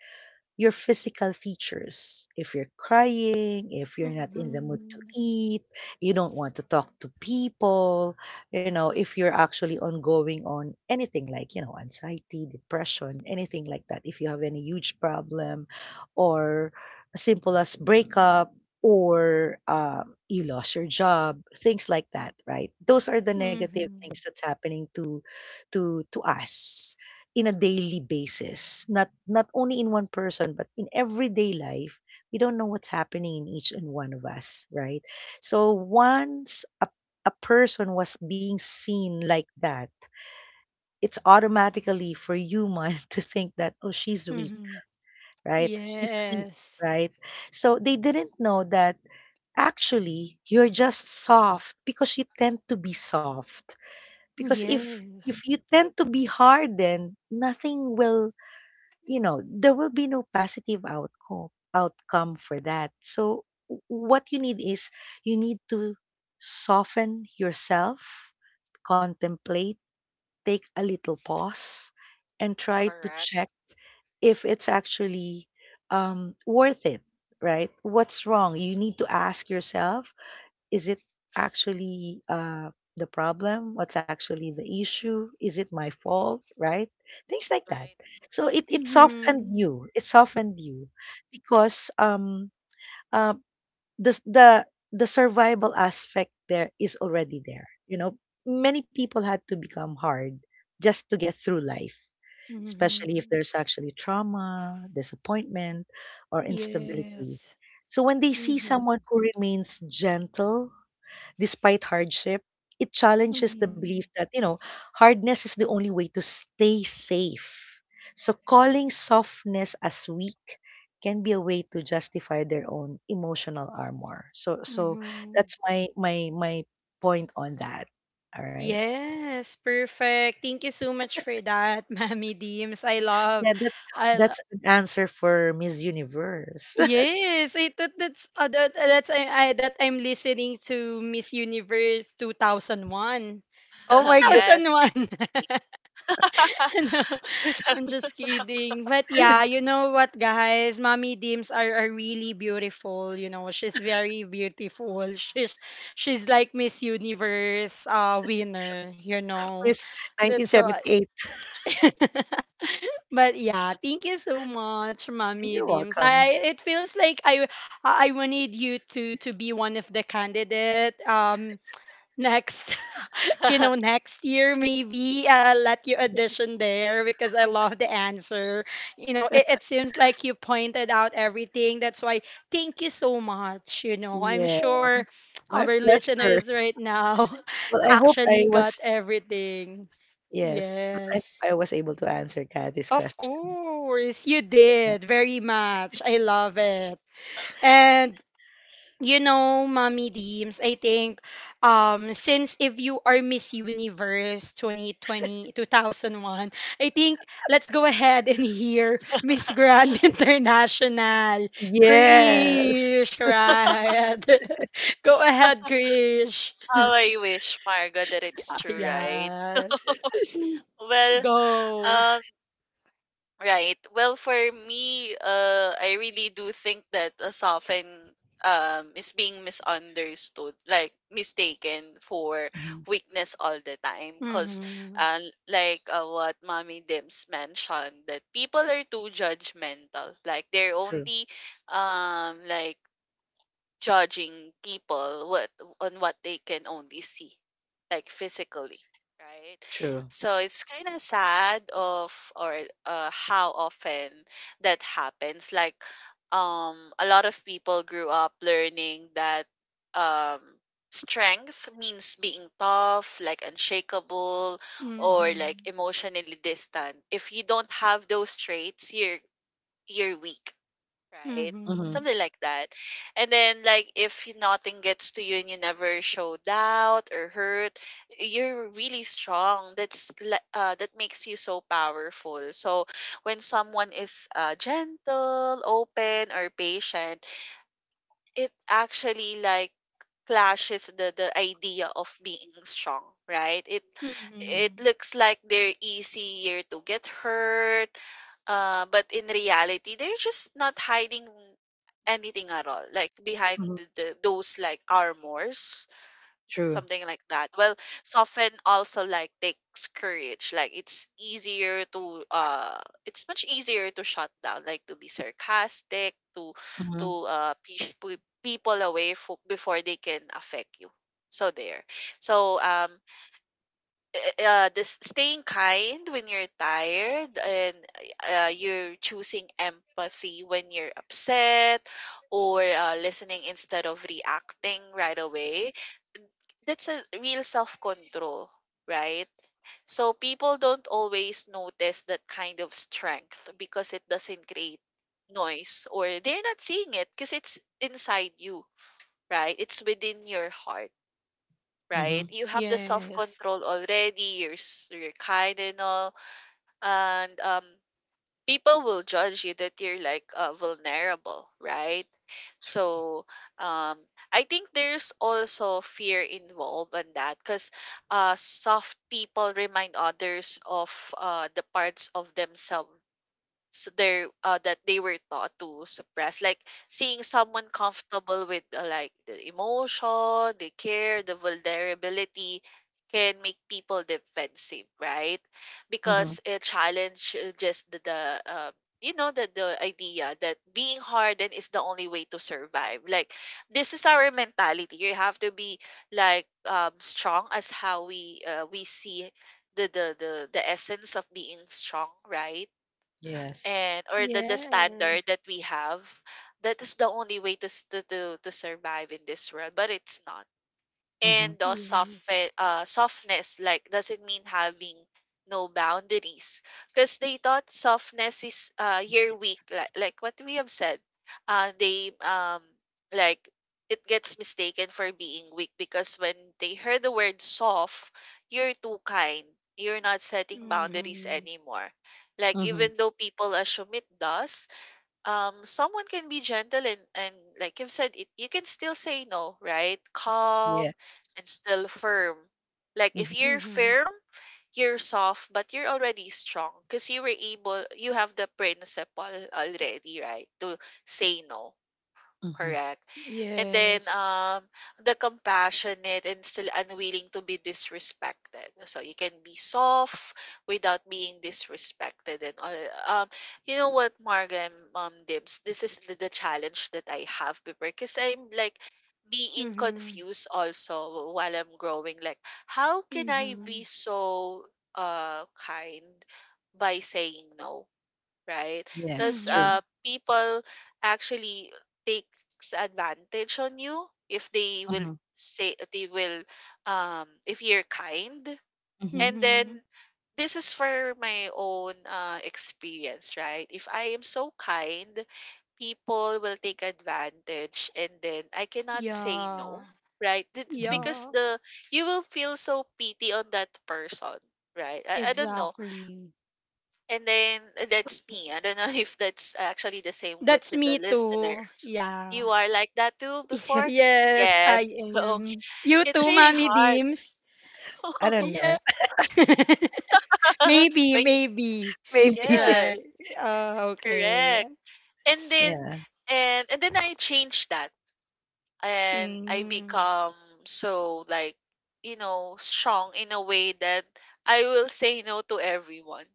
Speaker 2: your physical features. If you're crying, if you're not in the mood to
Speaker 1: Mhm.
Speaker 2: eat, you don't want to talk to people, you know, if you're actually ongoing on anything like, you know, anxiety, depression, anything like that, if you have any huge problem, or as simple as breakup, or you lost your job, things like that, right? Those are the negative things
Speaker 1: Mhm.
Speaker 2: that's happening to us in a daily basis, not not only in one person, but in everyday life, we don't know what's happening in each and one of us, right? So once a person was being seen like that, it's automatically for human to think that, oh, she's weak,
Speaker 1: Mhm.
Speaker 2: right? He's weak,
Speaker 1: Yes.
Speaker 2: right? So they didn't know that actually you're just soft because you tend to be soft. Because if
Speaker 1: Yes.
Speaker 2: you tend to be hard, then nothing will, you know, there will be no positive outcome for that. So what you need is you need to soften yourself, contemplate, take a little pause, and try to
Speaker 3: Correct.
Speaker 2: check if it's actually worth it, right? What's wrong? You need to ask yourself, is it actually the problem? What's actually the issue? Is it my fault? Right? Things like that.
Speaker 3: Right.
Speaker 2: So it softened
Speaker 1: Mhm.
Speaker 2: you. It softened you because uh, the, s- the, the survival aspect there is already there. You know, many people had to become hard just to get through life. Especially if
Speaker 1: Mhm.
Speaker 2: there's actually trauma, disappointment, or instability.
Speaker 1: Yes.
Speaker 2: So when they see
Speaker 1: Mhm.
Speaker 2: someone who remains gentle despite hardship, it challenges the belief that, you know, hardness is the only way to stay safe. So calling softness as weak can be a way to justify their own emotional armor. So so
Speaker 1: Mhm.
Speaker 2: that's my point on that. All right.
Speaker 1: Yes, perfect. Thank you so much for that, Mammy Deems. I love
Speaker 2: Yeah,
Speaker 1: I lo-
Speaker 2: that's an answer for Miss Universe.
Speaker 1: Yes, I thought that's that, that's I that I'm listening to Miss Universe 2001.
Speaker 2: Oh my god,
Speaker 3: Yes. I
Speaker 1: 2001.
Speaker 3: agree.
Speaker 1: No, I'm just kidding. But yeah, you know what, guys? Mommy Dims are really beautiful. You know, she's very beautiful. She's like Miss Universe winner. You know,
Speaker 2: Miss
Speaker 1: that's what.
Speaker 2: 1978.
Speaker 1: But yeah, thank you so much, Mommy
Speaker 2: You're
Speaker 1: Dims.
Speaker 2: welcome.
Speaker 1: It feels like I wanted you to be one of the candidate, next, you know, next year maybe I'll let you audition there because I love the answer. You know, it seems like you pointed out everything. That's why thank you so much. You know, I'm
Speaker 2: Yeah,
Speaker 1: sure our
Speaker 2: my pleasure.
Speaker 1: listeners right now
Speaker 2: Well, I hope I
Speaker 1: actually got
Speaker 2: was.
Speaker 1: everything.
Speaker 2: Yes, but
Speaker 1: Yes,
Speaker 2: I was able to answer Kathy's
Speaker 1: of
Speaker 2: question.
Speaker 1: course, you
Speaker 2: Yeah.
Speaker 1: did very much. I love it. And you know, Mommy Deems, I think since if you are Miss Universe 2020 2001, I think let's go ahead and hear Miss Grand International.
Speaker 2: Yes.
Speaker 1: Krish, right? Go ahead, Krish.
Speaker 3: How I wish, Marga, that it's true, right?
Speaker 1: Yes.
Speaker 3: Well,
Speaker 1: Go.
Speaker 3: um, right. Well, for me, I really do think that a soften, is being misunderstood, like mistaken for
Speaker 2: Mhm.
Speaker 3: weakness all the time. Cause,
Speaker 1: Mhm.
Speaker 3: uh, what Mommy Dims mentioned, that people are too judgmental. Like, they're
Speaker 2: True.
Speaker 3: only, like, judging people what on what they can only see, like, physically, right?
Speaker 2: True.
Speaker 3: So it's kind of sad of, or, how often that happens. Like, a lot of people grew up learning that, um strength means being tough, like unshakable, or like
Speaker 1: Mhm.
Speaker 3: emotionally distant. If you don't have those traits, you're weak, right?
Speaker 2: Hmm
Speaker 1: Mhm.
Speaker 3: Something like that. And then, like, if y- nothing gets to you and you never show doubt or hurt, you're really strong. That makes you so powerful. So when someone is, gentle, open, or patient, it actually, like, clashes the idea of being strong, right? It
Speaker 1: Mhm.
Speaker 3: looks like they're easier to get hurt, but in reality, they're just not hiding anything at all, like behind
Speaker 2: hmm
Speaker 3: those, like, armors,
Speaker 2: True.
Speaker 3: something like that. Well, soften also, like, takes courage. It's much easier to shut down, like to be sarcastic, to to
Speaker 2: Hmm
Speaker 3: uh push people away before they can affect you. So there. So, this staying kind when you're tired, and, you're choosing empathy when you're upset, or, listening instead of reacting right away, that's a real self-control, right? So people don't always notice that kind of strength because it doesn't create noise, or they're not seeing it because it's inside you, right? It's within your heart, right?
Speaker 2: hmm
Speaker 3: You have the self
Speaker 1: Yes.
Speaker 3: control already. You're kind and all, and, people will judge you that you're, like, vulnerable, right? So, um, I think there's also fear involved in that because, soft people remind others of, the parts of themselves, s- their that they were taught to suppress, like seeing someone comfortable with, like, the emotion, the care, the vulnerability, can make people defensive, right?
Speaker 2: hmm
Speaker 3: Because it challenges the the idea that being hardened is the only way to survive. Like, this is our mentality, you have to be, like, strong, as how we see the essence of being strong, right?
Speaker 2: Yes.
Speaker 3: And or the
Speaker 1: Yes.
Speaker 3: standard that we have, that is the only way to s- to survive in this world, but it's not.
Speaker 2: hmm
Speaker 3: And the soft
Speaker 1: Yes.
Speaker 3: softness, like, doesn't mean having no boundaries. Because they thought softness is, you're weak, like, what we have said. Uh, they, um, like, it gets mistaken for being weak because when they heard the word soft, you're too kind. You're not setting boundaries
Speaker 1: Mhm.
Speaker 3: anymore. Like,
Speaker 2: hmm
Speaker 3: even though people assume it does, someone can be gentle, and like you've said it, you can still say no, right? Calm
Speaker 2: Yes.
Speaker 3: and still firm. Like, if
Speaker 2: hmm
Speaker 3: you're
Speaker 1: Mhm.
Speaker 3: firm, you're soft but you're already strong because you were able, you have the principle already, right, to say no.
Speaker 2: hmm
Speaker 3: Correct. And then,
Speaker 1: Yes.
Speaker 3: the compassionate and still unwilling to be disrespected. So you can be soft without being disrespected and all. Um you know what, Marga and Mom Dibs, this is the challenge that I have before because I'm, like, being
Speaker 1: Mm-hmm.
Speaker 3: confused also while I'm growing. Like, how can I
Speaker 1: Mm-hmm.
Speaker 3: be so, kind by saying no, right?
Speaker 2: Yes.
Speaker 3: Because,
Speaker 2: True.
Speaker 1: Mm-hmm.
Speaker 3: people actually takes advantage on you, if they will
Speaker 2: Hmm
Speaker 3: say they will if you're kind.
Speaker 2: hmm
Speaker 3: And then,
Speaker 1: Mm-hmm.
Speaker 3: this is for my own, experience, right? If I am so kind, people will take advantage, and then I cannot say
Speaker 1: Yeah.
Speaker 3: no, right?
Speaker 2: hmm
Speaker 3: Because
Speaker 1: Yeah.
Speaker 3: the you will feel so pity on that person, right? I don't know,
Speaker 1: Exactly.
Speaker 3: and then, that's me. I don't know if that's actually the same with
Speaker 1: That's
Speaker 3: the
Speaker 1: me too.
Speaker 3: listeners.
Speaker 1: Yeah.
Speaker 3: You are like that too before?
Speaker 1: Yes,
Speaker 3: Yeah.
Speaker 1: I
Speaker 3: So
Speaker 1: am. You
Speaker 3: it's
Speaker 1: too,
Speaker 3: really
Speaker 1: Mommy
Speaker 3: hard.
Speaker 1: Deems.
Speaker 2: I don't know.
Speaker 1: Yeah. Maybe,
Speaker 3: when y-
Speaker 1: maybe.
Speaker 2: Maybe.
Speaker 3: yes,
Speaker 1: Right. Okay.
Speaker 3: correct. And then,
Speaker 2: Yeah.
Speaker 3: I change that, and I
Speaker 1: Mm-hmm.
Speaker 3: become, so, like, you know, strong in a way that I will say no to everyone.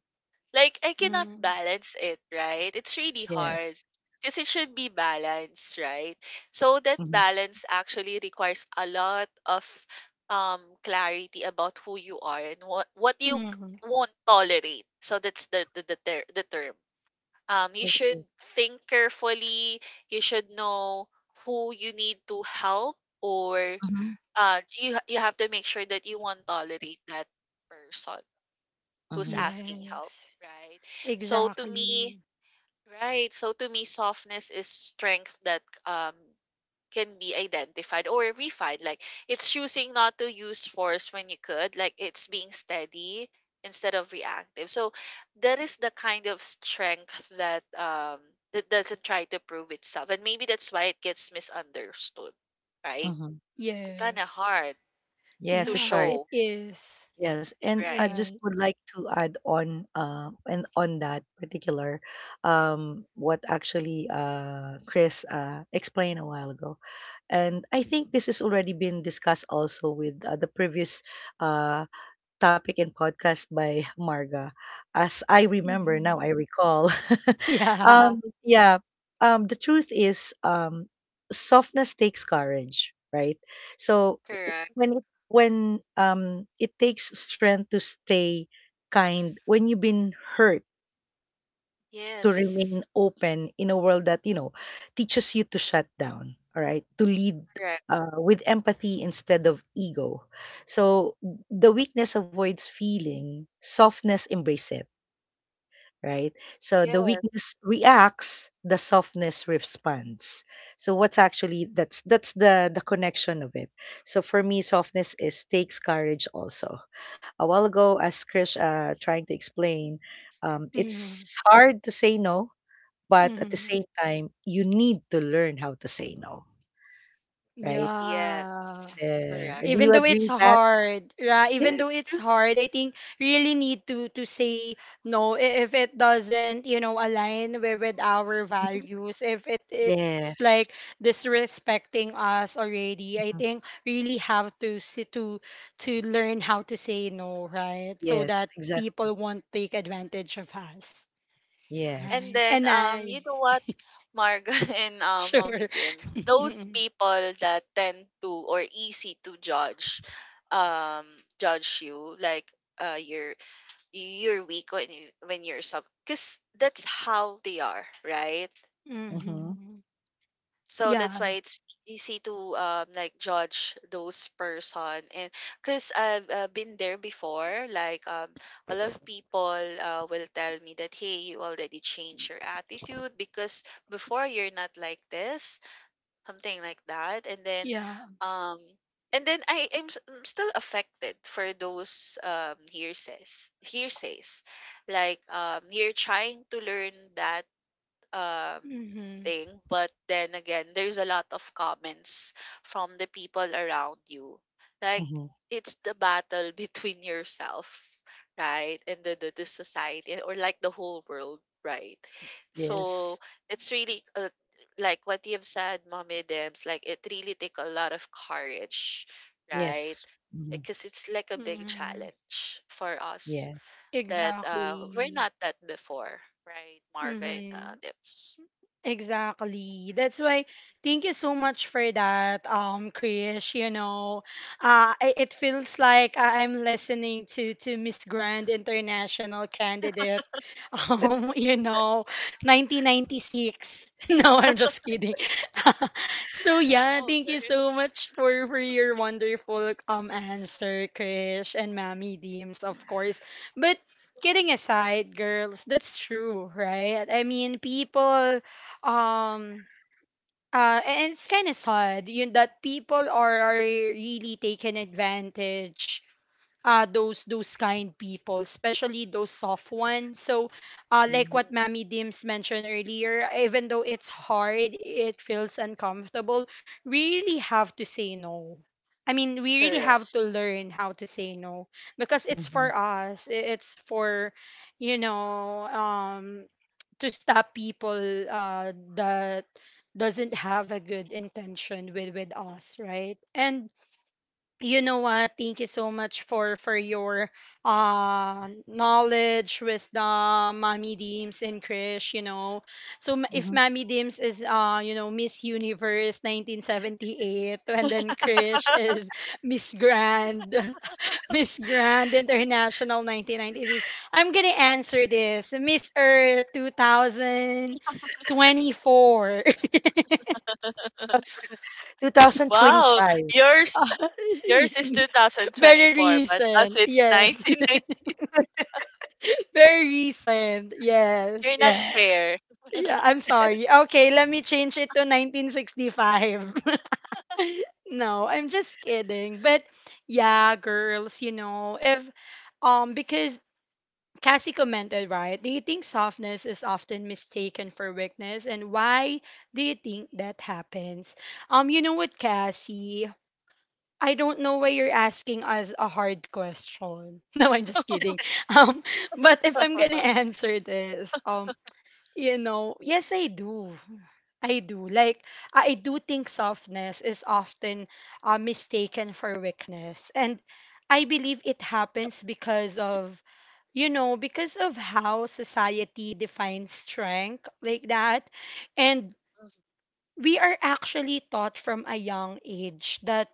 Speaker 3: Like, I cannot
Speaker 1: Mm-hmm.
Speaker 3: balance it, right? It's really hard
Speaker 2: Yes.
Speaker 3: because it should be balanced, right? So that
Speaker 2: hmm
Speaker 3: balance actually requires a lot of clarity about who you are and what
Speaker 1: Mm-hmm.
Speaker 3: won't tolerate. So that's the term. You should
Speaker 2: Okay.
Speaker 3: think carefully. You should know who you need to help, or
Speaker 2: hmm
Speaker 3: you have to make sure that you won't tolerate that person who's
Speaker 2: hmm
Speaker 3: asking help,
Speaker 1: Yes.
Speaker 3: right? So to me,
Speaker 1: Exactly.
Speaker 3: right, so to me, softness is strength that can be identified or refined. Like it's choosing not to use force when you could, like it's being steady instead of reactive. So that is the kind of strength that that doesn't try to prove itself. And maybe that's why it gets misunderstood, right?
Speaker 2: hmm
Speaker 3: It's kind of
Speaker 1: Yes.
Speaker 3: hard
Speaker 2: Yes,
Speaker 3: to
Speaker 2: it's
Speaker 1: Yeah,
Speaker 2: hard.
Speaker 1: it
Speaker 3: show,
Speaker 1: is.
Speaker 2: Yes, and I
Speaker 3: right?
Speaker 2: just
Speaker 1: Right.
Speaker 2: would like to add on and on that particular what actually Chris explained a while ago. And I think this has already been discussed also with the previous uh, topic and podcast by Marga. As I remember
Speaker 1: Hmm.
Speaker 2: now, I recall.
Speaker 1: Yeah.
Speaker 2: Yeah. The truth is, softness takes courage, right? So
Speaker 3: Correct.
Speaker 2: when it takes strength to stay kind when you've been hurt, to
Speaker 3: Yes.
Speaker 2: remain open in a world that, you know, teaches you to shut down, all right? To lead
Speaker 3: Correct.
Speaker 2: with empathy instead of ego. So the weakness avoids feeling, softness embrace it, right? So the weakness reacts, the softness responds. So what's actually that's the connection of it. So for me, softness is takes courage also. A while ago, as Krish trying to explain,
Speaker 1: Hmm.
Speaker 2: it's hard to say no, but at the
Speaker 1: Hmm.
Speaker 2: same time, you need to learn how to say no, right?
Speaker 3: Yes,
Speaker 1: Yeah.
Speaker 3: correct.
Speaker 2: Do
Speaker 1: Even
Speaker 2: you
Speaker 1: though
Speaker 2: agree
Speaker 1: it's
Speaker 2: with that?
Speaker 1: hard, yeah, even
Speaker 2: Yes,
Speaker 1: though it's
Speaker 2: true.
Speaker 1: hard, I think really need to say no, if it doesn't, you know, align with, our
Speaker 2: Mhm.
Speaker 1: values, if it it's
Speaker 2: Yes.
Speaker 1: like disrespecting us already. I
Speaker 2: Mhm.
Speaker 1: think really have to sit to learn how to say no, right? So
Speaker 2: Yes,
Speaker 1: that
Speaker 2: exactly.
Speaker 1: people won't take advantage of us.
Speaker 2: Yes.
Speaker 3: And
Speaker 1: Right.
Speaker 3: then,
Speaker 1: And
Speaker 3: you
Speaker 1: I,
Speaker 3: know what, Marga and
Speaker 1: sure.
Speaker 3: Mommy Dims, those
Speaker 1: Mm-hmm.
Speaker 3: people that tend to or easy to judge, um, judge you like uh you're you're weak when you're soft, cause that's how they are, right?
Speaker 2: Mm-hmm.
Speaker 3: So that's
Speaker 1: Yeah.
Speaker 3: why it's easy to like judge those person and because I've been there before like a lot of people will tell me that, hey, you already changed your attitude because before you're not like this, something like that. And then
Speaker 1: Yeah.
Speaker 3: um and then I'm still affected for those um, hearsays, like you're trying to learn that um
Speaker 1: Mm-hmm.
Speaker 3: thing, but then again there's a lot of comments from the people around you, like
Speaker 2: Mm-hmm.
Speaker 3: it's the battle between yourself, right, and the society or like the whole world, right? So
Speaker 2: Yes.
Speaker 3: it's really like what you've said, Mommy Dems, like it really take a lot of courage, right?
Speaker 2: Yes. Mm-hmm.
Speaker 3: Because it's like a big
Speaker 1: Mm-hmm.
Speaker 3: challenge for us
Speaker 2: Yes.
Speaker 3: that we're
Speaker 1: Exactly.
Speaker 3: not that before, right, Marga and
Speaker 1: Mm-hmm.
Speaker 3: Dips?
Speaker 1: Exactly. That's why thank you so much for that, Krish. You know, it feels like I- I'm listening to Miss Grand International candidate, you know, 1996. No,
Speaker 3: I'm
Speaker 1: I'm just kidding. So yeah, thank you
Speaker 3: older.
Speaker 1: so much for your wonderful, answer, Krish and Mammy Deems, of course. But kidding aside, girls, that's true, right? I mean, people, um and it's kind of sad, you know, that people are really taking advantage, those kind people, especially those soft ones. So like
Speaker 2: Mm,
Speaker 1: what
Speaker 3: Mm.
Speaker 1: Mammy Dims mentioned earlier, even though it's hard, it feels uncomfortable, we really have to say no. I mean, we really
Speaker 3: Correct.
Speaker 1: have
Speaker 2: Yes.
Speaker 1: to learn how to say no. Because it's
Speaker 2: Mm-hmm.
Speaker 1: for us, it's for, you know, to stop people, that doesn't have a good intention with us, right. And you know what, thank you so much for your knowledge, wisdom, Mommy Deems and Krish. You know, so if
Speaker 2: Mm-hmm.
Speaker 1: Mommy Deems is, you know, Miss Universe 1978, and then Krish is miss grand Miss Grand International 1996. I'm gonna answer this. Miss Earth 2024.
Speaker 3: Wow,
Speaker 2: 2025.
Speaker 3: yours yours is
Speaker 1: Very
Speaker 3: 2024, but us
Speaker 1: recent.
Speaker 3: it's
Speaker 1: Yes.
Speaker 3: 1990.
Speaker 1: Very recent.
Speaker 3: You're
Speaker 1: Yes.
Speaker 3: not
Speaker 2: Yeah.
Speaker 3: fair.
Speaker 1: Yeah, I'm sorry. Okay, let me change it to 1965. No, I'm just kidding. But yeah, girls, you know, if because Cassie commented, right? Do you think softness is often mistaken for weakness? And why do you think that happens? You know what, Cassie? I don't know why you're asking us a hard question. No, I'm just kidding. Um, but if I'm gonna answer this, you know, yes, I do. I do. Like, I do think softness is often, mistaken for weakness. And I believe it happens because of, you know, because of how society defines strength, like that. And
Speaker 3: Mhm.
Speaker 1: we are actually taught from a young age that,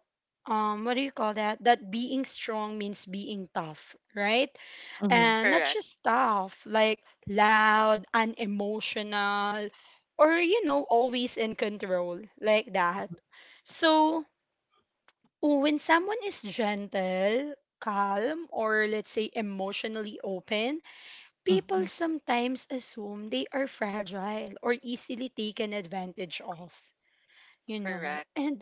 Speaker 1: what do you call that, that being strong means being tough, right?
Speaker 2: Mhm,
Speaker 1: And not
Speaker 3: Correct.
Speaker 1: just tough, like loud, unemotional, or you know, always in control, like that.
Speaker 2: mhm,
Speaker 1: So when someone is gentle, calm, or let's say emotionally open,
Speaker 2: mhm.
Speaker 1: people
Speaker 3: Mm.
Speaker 1: sometimes assume they are fragile or easily taken advantage of, you know.
Speaker 3: Correct.
Speaker 1: And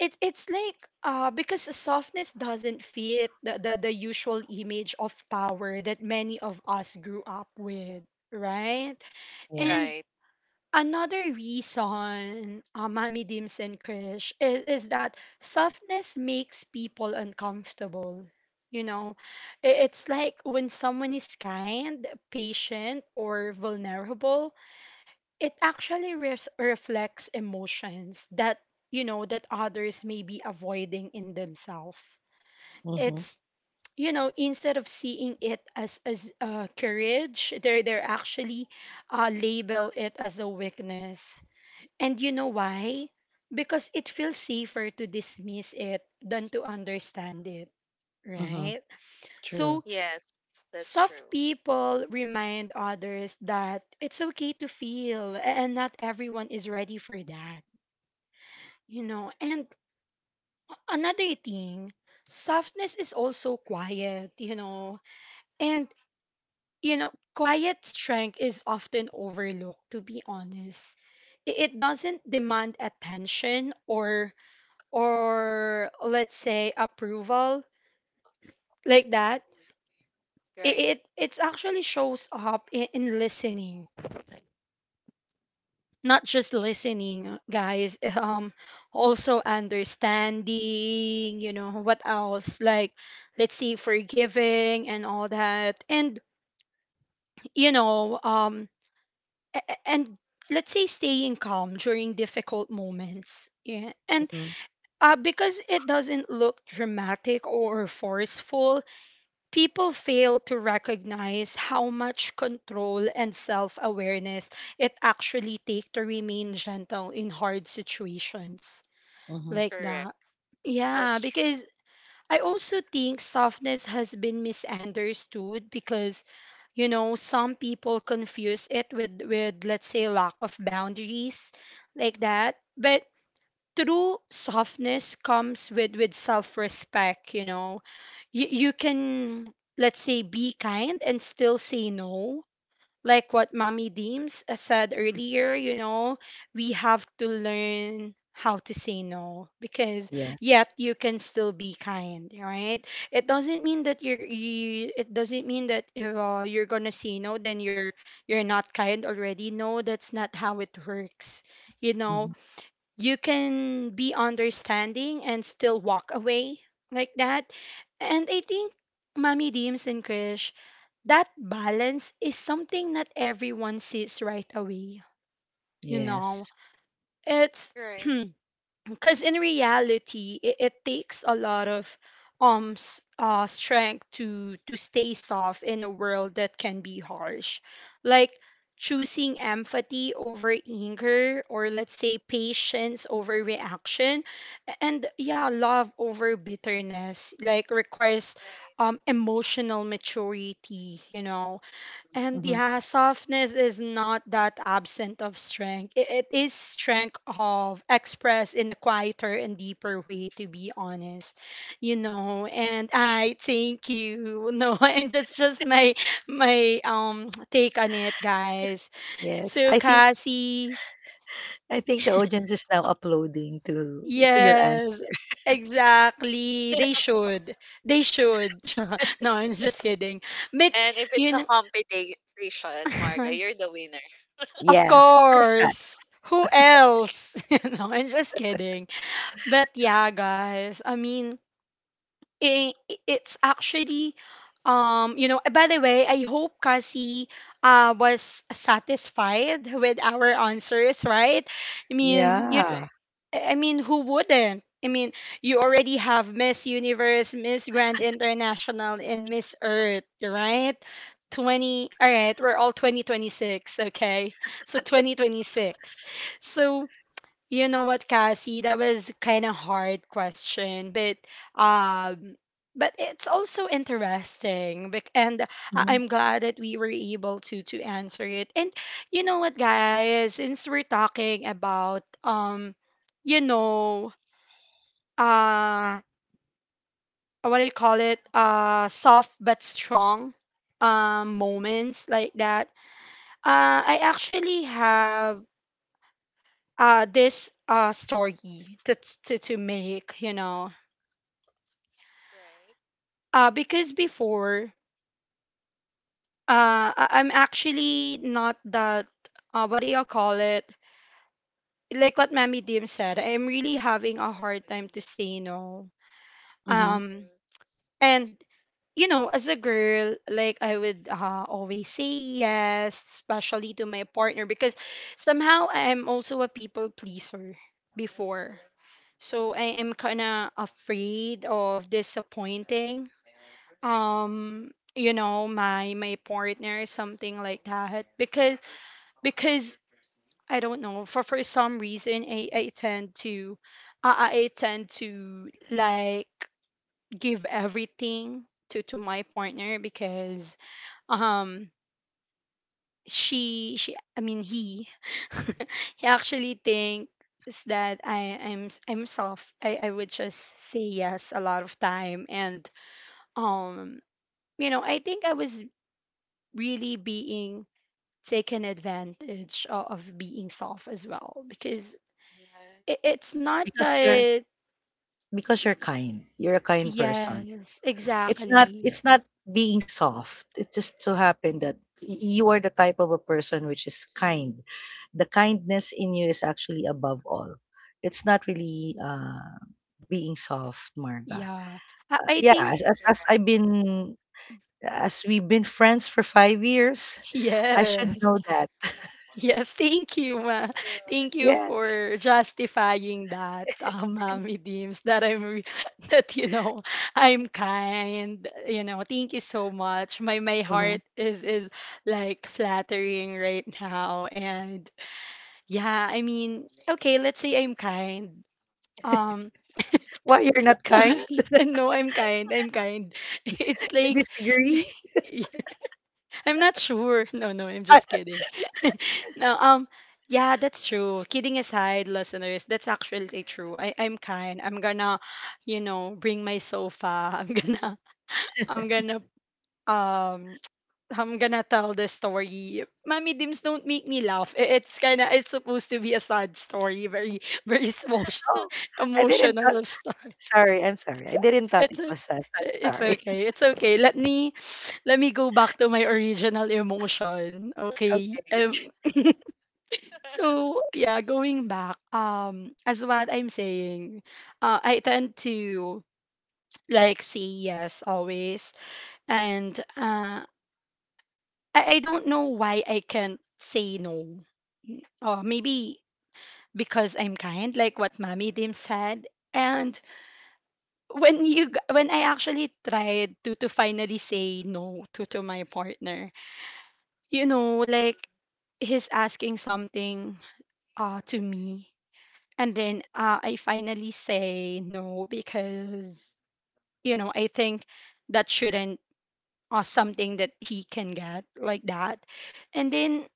Speaker 1: it's like, because softness doesn't fit the usual image of power that many of us grew up with, right?
Speaker 2: Yes.
Speaker 1: And
Speaker 3: Right.
Speaker 1: another reason, mommy dims and krish is that softness makes people uncomfortable, you know. It's like when someone is kind, patient, or vulnerable, it actually reflects emotions that, you know, that others may be avoiding in themselves.
Speaker 2: Mhm,
Speaker 1: It's, you know, instead of seeing it as courage, they're actually, label it as a weakness. And you know
Speaker 3: Mhm.
Speaker 1: why? Because it feels safer to dismiss it than to understand it,
Speaker 2: mhm.
Speaker 1: right?
Speaker 2: True.
Speaker 1: So
Speaker 3: Yes, that's
Speaker 1: soft
Speaker 3: true.
Speaker 1: people remind others that it's okay to feel, and not everyone is ready for that. You know, and another thing, softness is also quiet, you know, and, you know, quiet strength is often overlooked, to be honest. It doesn't demand attention, or let's say approval, like that.
Speaker 3: Mhm. Right.
Speaker 1: It actually shows up in listening, not just listening, guys. Also understanding, you know what else, like, let's see, forgiving and all that. And you know, and let's say staying calm during difficult moments, yeah. And
Speaker 2: Mhm,
Speaker 1: because it doesn't look dramatic or forceful, people fail to recognize how much control and self awareness it actually takes to remain gentle in hard situations,
Speaker 2: mhm.
Speaker 1: like that.
Speaker 3: Correct. That's
Speaker 1: Yeah,
Speaker 3: true.
Speaker 1: because I also think softness has been misunderstood, because you know, some people confuse it with let's say lack of boundaries, like that. But true softness comes with self-respect, you know. You can, let's say, be kind and still say no. Like what Mommy Deems, said earlier, you know, we have to learn how to say no because
Speaker 2: Yes.
Speaker 1: yet you can still be kind, right? It doesn't mean that you, it doesn't mean that if, you're gonna say no, then you're not kind already, no. That's not how it works, you know.
Speaker 2: Mhm.
Speaker 1: You can be understanding and still walk away, like that. And I think Mommy Deems and Krish, that balance is something not everyone sees right away. You know,
Speaker 2: Yes.
Speaker 1: it's
Speaker 3: Right.
Speaker 1: because in reality it takes a lot of strength to stay soft in a world that can be harsh, like choosing empathy over anger, or let's say patience over reaction, and yeah, love over bitterness, like requires
Speaker 3: Right.
Speaker 1: emotional maturity, you know. And
Speaker 2: Mhm.
Speaker 1: yeah,
Speaker 3: Correct.
Speaker 1: softness is not that absent of strength. It is strength of express in a quieter and deeper way, to be honest. You know, and I thank you. No, and that's just my take on it, guys.
Speaker 2: Yes.
Speaker 1: So Cassie,
Speaker 2: I think the audience is now uploading to your
Speaker 1: yes,
Speaker 2: answer.
Speaker 1: exactly. They should. They should. No, I'm just kidding. But
Speaker 3: And if it's
Speaker 1: you
Speaker 3: a
Speaker 1: know.
Speaker 3: competition, Marga, you're the winner.
Speaker 1: Of
Speaker 2: Yes. Perfect.
Speaker 1: course. Who else? You know, I'm just kidding. But yeah, guys. I mean, it's actually by the way, I hope Cassie was satisfied with our answers, right? I mean, you.
Speaker 3: Right.
Speaker 2: Yeah.
Speaker 1: I mean, who wouldn't? I mean, you already have Miss Universe, Miss Grand International, and Miss Earth, right? 20, all right, we're all 2026, okay? So 2026. So you know what, Cassie? That was kind of hard question, um, but it's also interesting, and I-
Speaker 2: Mhm,
Speaker 1: I'm glad that we were able to answer it. And you know what, guys? Since we're talking about you know, uh, what do you call it?
Speaker 3: Mhm.
Speaker 1: Soft but strong, moments like that. I actually have this story to make you know.
Speaker 3: Right.
Speaker 1: Because before, I'm actually not that, what do you call it? Like what Mammy Dim said, I'm really having a hard time to say no.
Speaker 2: mhm.
Speaker 1: Um, And you know, as a girl, like I would always say yes, especially to my partner, because somehow I'm also a people pleaser before. So I am kind of afraid of disappointing, my partner, something like that, because because I don't know, for some reason I tend to. I tend to, like, give everything to my partner because um she I mean he he actually thinks that I'm soft. I would just say yes a lot of time, and um you know, I think I was really being taken advantage of being soft as well, because
Speaker 3: Mhm.
Speaker 1: it's not
Speaker 2: Because your
Speaker 1: that.
Speaker 2: Because you're kind. You're a kind person.
Speaker 1: Yes,
Speaker 2: It's not Yeah.
Speaker 1: exactly.
Speaker 2: it's not being soft. It just so happened that y- you are the type of a person which is kind. The kindness in you is actually above all. It's not really being soft, Marga.
Speaker 1: Yeah, I think.
Speaker 2: As
Speaker 3: Right.
Speaker 2: I've been as we've been friends for 5 years, I should
Speaker 1: Yes.
Speaker 2: know that.
Speaker 1: Yes, thank you, ma. Thank you
Speaker 2: Yes.
Speaker 1: for justifying that, Mommy Deems, that that, you know, I'm kind, you know, thank you so much. My
Speaker 2: Mhm.
Speaker 1: heart is like flattering right now. And yeah, I mean, okay, let's say I'm kind. Um,
Speaker 2: Why you're not kind?
Speaker 1: no, I'm kind, I'm kind. It's
Speaker 2: You
Speaker 1: like,
Speaker 2: disagree?
Speaker 1: I'm not sure. No, no, I'm
Speaker 2: I,
Speaker 1: just kidding. No, yeah, that's true. Kidding aside, listeners, that's actually true. I, I'm kind. I'm gonna, you know, bring my sofa. I'm gonna, I'm gonna, um, I'm gonna tell the story. Mommy Dims, don't make me laugh. It's kind of, it's supposed to be a sad story, very, very small,
Speaker 2: oh, I didn't
Speaker 1: emotional. S-
Speaker 2: sorry, I'm sorry. I didn't thought
Speaker 1: It's,
Speaker 2: it
Speaker 1: o-
Speaker 2: was sad. Sad
Speaker 1: it's
Speaker 2: story.
Speaker 1: okay. It's okay. Let me go back to my original emotion. Okay.
Speaker 2: Okay.
Speaker 1: So
Speaker 3: Right. Yes.
Speaker 1: yeah, going back, as what I'm saying, I tend to, like, say yes always, and I don't know why I can't say no. Maybe because I'm kind, like what Mommy Dim said. And when I actually tried to finally say no to my partner, you know,
Speaker 3: Mm.
Speaker 1: like he's asking something to me. And then I finally say no because, you know, I think that shouldn't, or something that he can get like that. And then,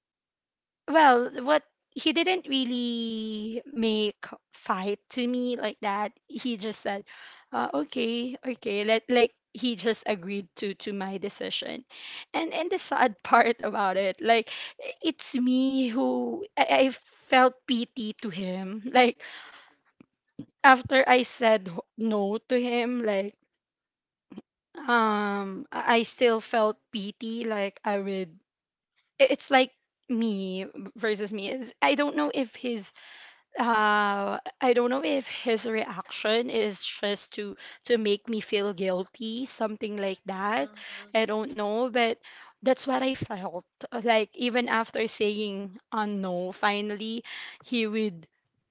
Speaker 1: well, what, he didn't really make fight to me like that. He just said, okay, okay, let, like he just agreed to my decision. And the sad part about it, like it's me who I felt pity to him. Like after I no to him, like I still felt pity, like I would it's like me versus me. It's, I don't know if his I don't know if his reaction is just to make me feel guilty, something like that.
Speaker 3: Mhm.
Speaker 1: I don't know, but that's what I felt. Like even after saying no, finally he would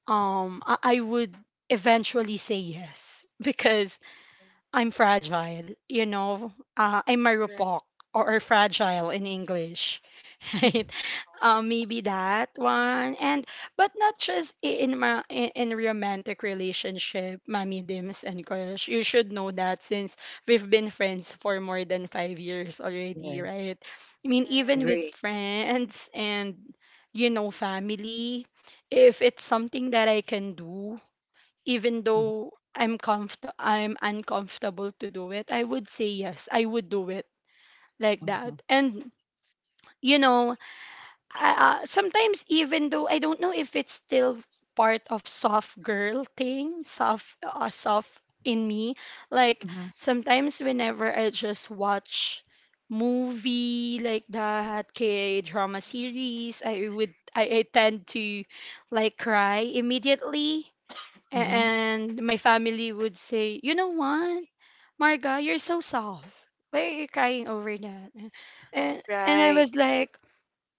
Speaker 1: I would eventually say yes because
Speaker 3: Mhm.
Speaker 1: I'm fragile, you know. I'm
Speaker 3: Right.
Speaker 1: marupok or fragile in English. Right?
Speaker 2: Mm,
Speaker 3: Oh,
Speaker 1: Maybe that one. And but not just in in romantic relationship, Mami Dims and Crush, you should know that since we've been friends for more than 5 years already,
Speaker 2: yes,
Speaker 1: right? I mean, even
Speaker 3: right.
Speaker 1: with
Speaker 2: agree.
Speaker 1: friends and you know, family, if it's something that I can do, even
Speaker 2: Mm-hmm.
Speaker 1: though I'm uncomfortable to do it, I would say yes, I would do it like
Speaker 2: Mm-hmm.
Speaker 1: that. And you know, sometimes, even though I don't know if it's still part of soft girl thing, soft in me. Like sometimes whenever I just watch movie like that, K drama
Speaker 3: Mhm.
Speaker 1: series, I would, I tend to like cry immediately. A-
Speaker 2: Mm-hmm.
Speaker 1: And my family would say, you know what, Marga, you're so soft. Why are you crying over that? And I
Speaker 3: Right.
Speaker 1: was like,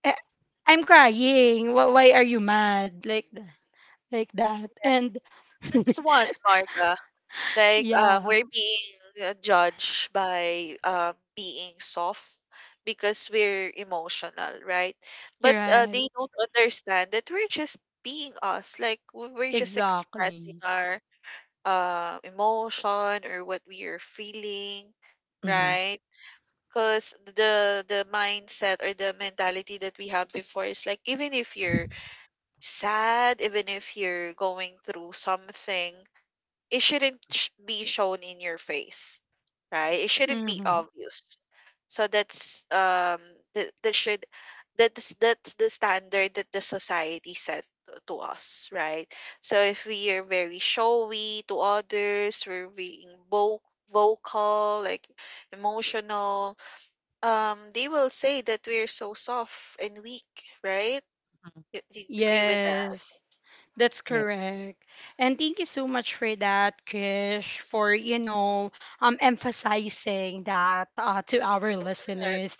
Speaker 1: eh, I'm crying. Why are you mad? Like that. Like that. And
Speaker 3: Yes. That's one, Marga. Like,
Speaker 1: yeah,
Speaker 3: we're being judged by being soft because we're emotional, right?
Speaker 1: you're
Speaker 3: But
Speaker 1: right.
Speaker 3: they don't understand that we're just being us. Like, we're just expressing
Speaker 1: Exactly.
Speaker 3: our emotion or what we are feeling,
Speaker 2: Mm-hmm.
Speaker 3: right? Because the mindset or the mentality that we have before is like, even if you're sad, even if you're going through something, it shouldn't sh- be shown in your face, right? It shouldn't be
Speaker 1: Mm-hmm.
Speaker 3: obvious. So that's um that that should that's the standard that the society set to us, right? So if we are very showy to others, we're being vocal, like emotional, they will say that we're so soft and weak, right? You agree with that?
Speaker 1: Yes, that's
Speaker 2: Yes,
Speaker 1: correct. And thank you so much for that, Krish, for, you know, emphasizing that to our
Speaker 3: Correct.
Speaker 1: listeners.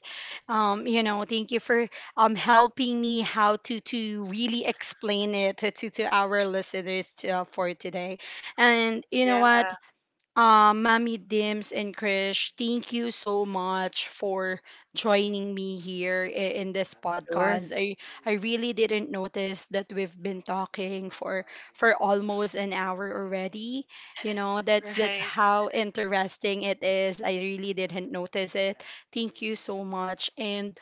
Speaker 1: You know, thank you for helping me how to really explain it to our listeners to, for today. And you know what?
Speaker 3: Yeah,
Speaker 1: Mommy Dims and Krish, thank you so much for joining me here in this
Speaker 2: sure.
Speaker 1: podcast. I really didn't notice that we've been talking for almost an hour already. You know, that's
Speaker 3: right.
Speaker 1: how interesting it is. I really didn't notice it. Thank you so much. And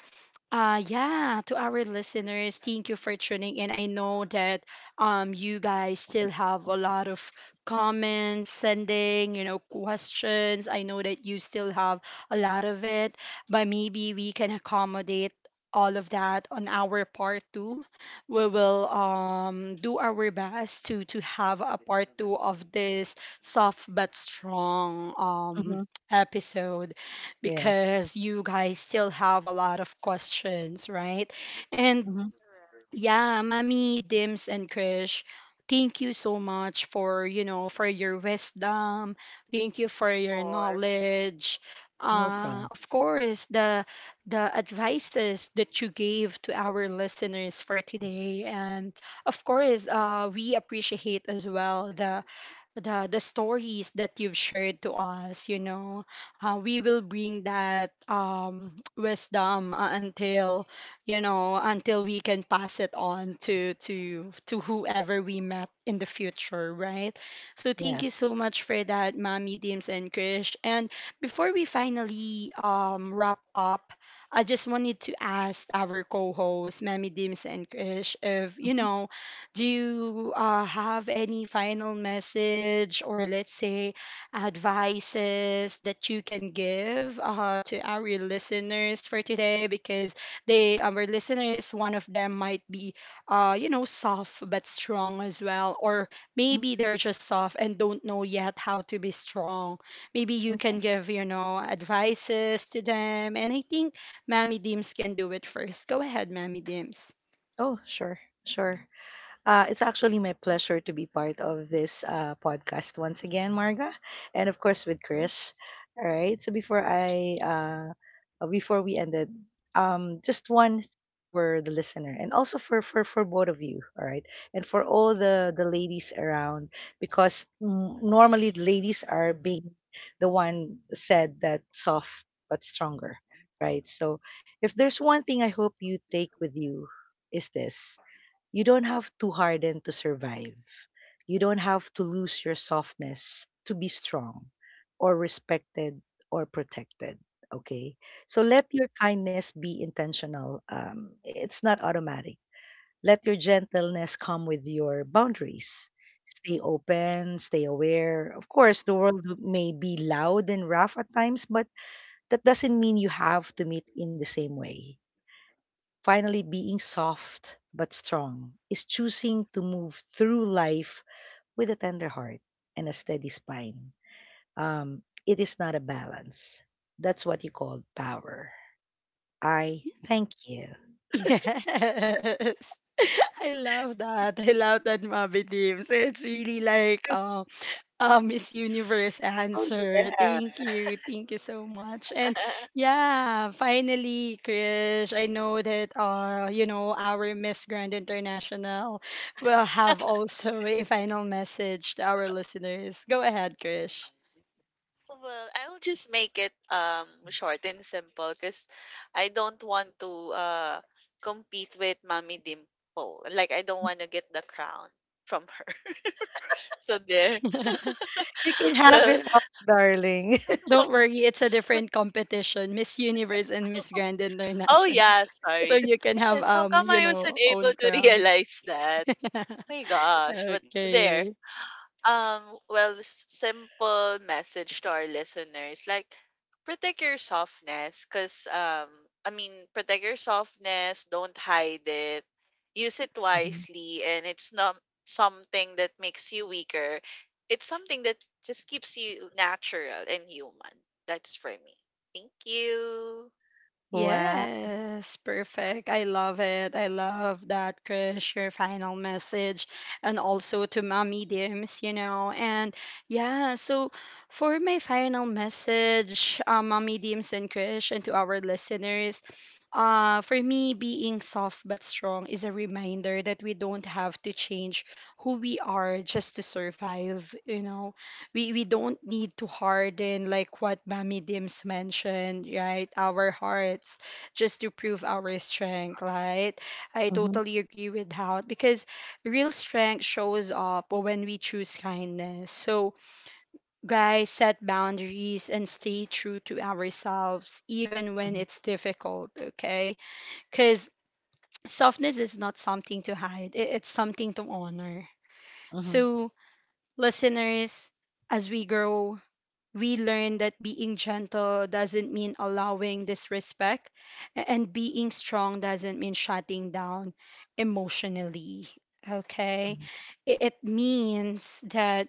Speaker 1: yeah, to our listeners, thank you for tuning in. I know that you guys still have a lot of comments sending, you know, questions. I know that you still have a lot of it, but maybe we can accommodate all of that on our part two. We will do our best to have a part two of this soft but strong
Speaker 2: Mm-hmm.
Speaker 1: episode,
Speaker 2: Yes.
Speaker 1: because you guys still have a lot of questions, right? And
Speaker 2: Mm-hmm.
Speaker 3: Correct.
Speaker 1: yeah, Mami, Dims, and Krish, thank you so much for, you know, for your wisdom. Thank you for
Speaker 3: Of
Speaker 1: your
Speaker 3: course.
Speaker 1: knowledge.
Speaker 2: No problem.
Speaker 1: Of course, the advices that you gave to our listeners for today, and of course, we appreciate as well the stories that you've shared to us, you know, we will bring that wisdom until, you know, until we can pass it on to whoever we met in the future, right? So thank you
Speaker 2: Yes.
Speaker 1: so much for that, Mommy Dims and Krish. And before we finally wrap up, I just wanted to ask our co-hosts, Mommy Dims and Krish, if, you
Speaker 2: Mm-hmm.
Speaker 1: know, do you have any final message, or let's say advices that you can give to our listeners for today? Because they, our listeners, one of them might be, you know, soft but strong as well, or maybe they're just soft and don't know yet how to be strong. Maybe you
Speaker 2: Okay.
Speaker 1: can give, you know, advices to them. And I think Mammy Dims can do it first. Go ahead, Mammy Dims.
Speaker 2: Oh, sure. Sure. It's actually my pleasure to be part of this podcast once again, Marga, and of course with Chris. All right. So before we ended, just for the listener, and also for both of you. All right, and for all the ladies around, because mm, normally the ladies are being the one said that soft but stronger, right? So if there's one thing I hope you take with you is this: you don't have to harden to survive. You don't have to lose your softness to be strong or respected or protected. Okay. So let your kindness be intentional. It's not automatic. Let your gentleness come with your boundaries. Stay open, stay aware. Of course, the world may be loud and rough at times, but that doesn't mean you have to meet in the same way. Finally, being soft but strong is choosing to move through life with a tender heart and a steady spine. It is not a balance. That's what you call power. I thank you.
Speaker 1: Yes. I love that. I love that, Mabby Teams. It's really like a Miss Universe
Speaker 2: Oh,
Speaker 1: answer.
Speaker 2: yeah.
Speaker 1: Thank you. Thank you so much. And yeah, finally, Krish, I know that you know, our Miss Grand International will have also a final message to our listeners. Go ahead, Krish.
Speaker 3: Well, I'll just make it short and simple because I don't want to compete with Mommy Dimple. Like I don't want to get the crown from her. So there.
Speaker 2: You can have
Speaker 3: Well,
Speaker 2: it all, darling.
Speaker 1: Don't worry, it's a different competition, Miss Universe and Miss Grand
Speaker 3: oh
Speaker 1: International.
Speaker 3: yeah,
Speaker 1: So
Speaker 3: sorry.
Speaker 1: you can have,
Speaker 3: Yes, how
Speaker 1: um,
Speaker 3: come
Speaker 1: you
Speaker 3: I wasn't
Speaker 1: know,
Speaker 3: able
Speaker 1: own
Speaker 3: to
Speaker 1: crown.
Speaker 3: realize that? My gosh, but there.
Speaker 1: Okay.
Speaker 3: Well, simple message to our listeners, like protect your softness, cause I mean, protect your softness. Don't hide it. Use it
Speaker 2: Mhm.
Speaker 3: wisely, and it's not something that makes you weaker. It's something that just keeps you natural and human. That's for me. Thank you.
Speaker 2: Wow.
Speaker 1: Yes, perfect. I love it. I love that, Krish. Your final message, and also to Mommy Dims, you know. And yeah, so for my final message, Mommy Dims and Krish, and to our listeners, for me, being soft but strong is a reminder that we don't have to change who we are just to survive. You know, we don't need to harden, like what Mammy Dims mentioned, right? Our hearts, just to prove our strength, right? I
Speaker 2: Mhm,
Speaker 1: totally agree with that, because real strength shows up when we choose kindness. So guys, set boundaries and stay true to ourselves even when
Speaker 2: mhm,
Speaker 1: it's difficult, okay? Cuz softness is not something to hide. It's something to honor.
Speaker 2: mhm,
Speaker 1: So listeners, as we grow, we learn that being gentle doesn't mean allowing disrespect, and being strong doesn't mean shutting down emotionally. Okay,
Speaker 2: mhm,
Speaker 1: it means that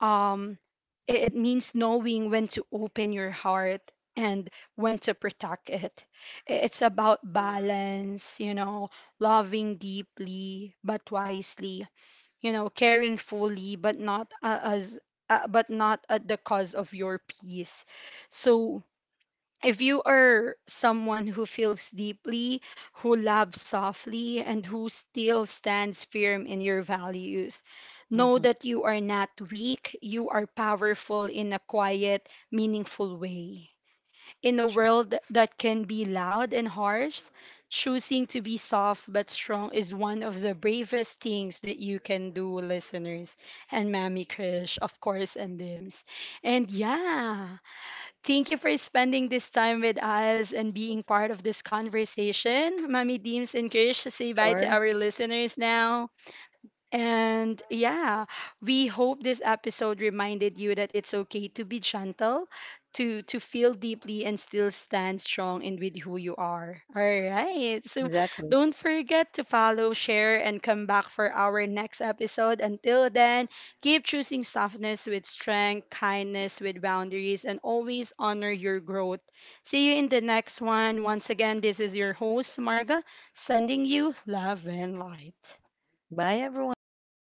Speaker 1: um, it means knowing when to open your heart and when to protect it. It's about
Speaker 3: Correct.
Speaker 1: balance, you know, loving deeply but wisely, you know, caring fully but not as but not at the cost of your peace. So if you are someone who feels deeply, who loves softly, and who still stands firm in your values, know
Speaker 2: mhm.
Speaker 1: that you are not weak, you are powerful in a quiet, meaningful way. In a world that can be loud and harsh, choosing to be soft but strong is one of the bravest things that you can do, listeners. And Mammy Krish, of course, and Dims. And yeah, thank you for spending this time with us and being part of this conversation. Mammy Dims and Krish, say bye to
Speaker 2: Sure.
Speaker 1: our listeners now. And
Speaker 3: I agree.
Speaker 1: yeah, we hope this episode reminded you that it's okay to be gentle, to feel deeply, and still stand strong in with who you are. All right. So
Speaker 2: Exactly.
Speaker 1: don't forget to follow, share, and come back for our next episode. Until then, keep choosing softness with strength, kindness with boundaries, and always honor your growth. See you in the next one. Once again, this is your host Marga, sending you love and light.
Speaker 2: Bye, everyone.
Speaker 3: Thank you.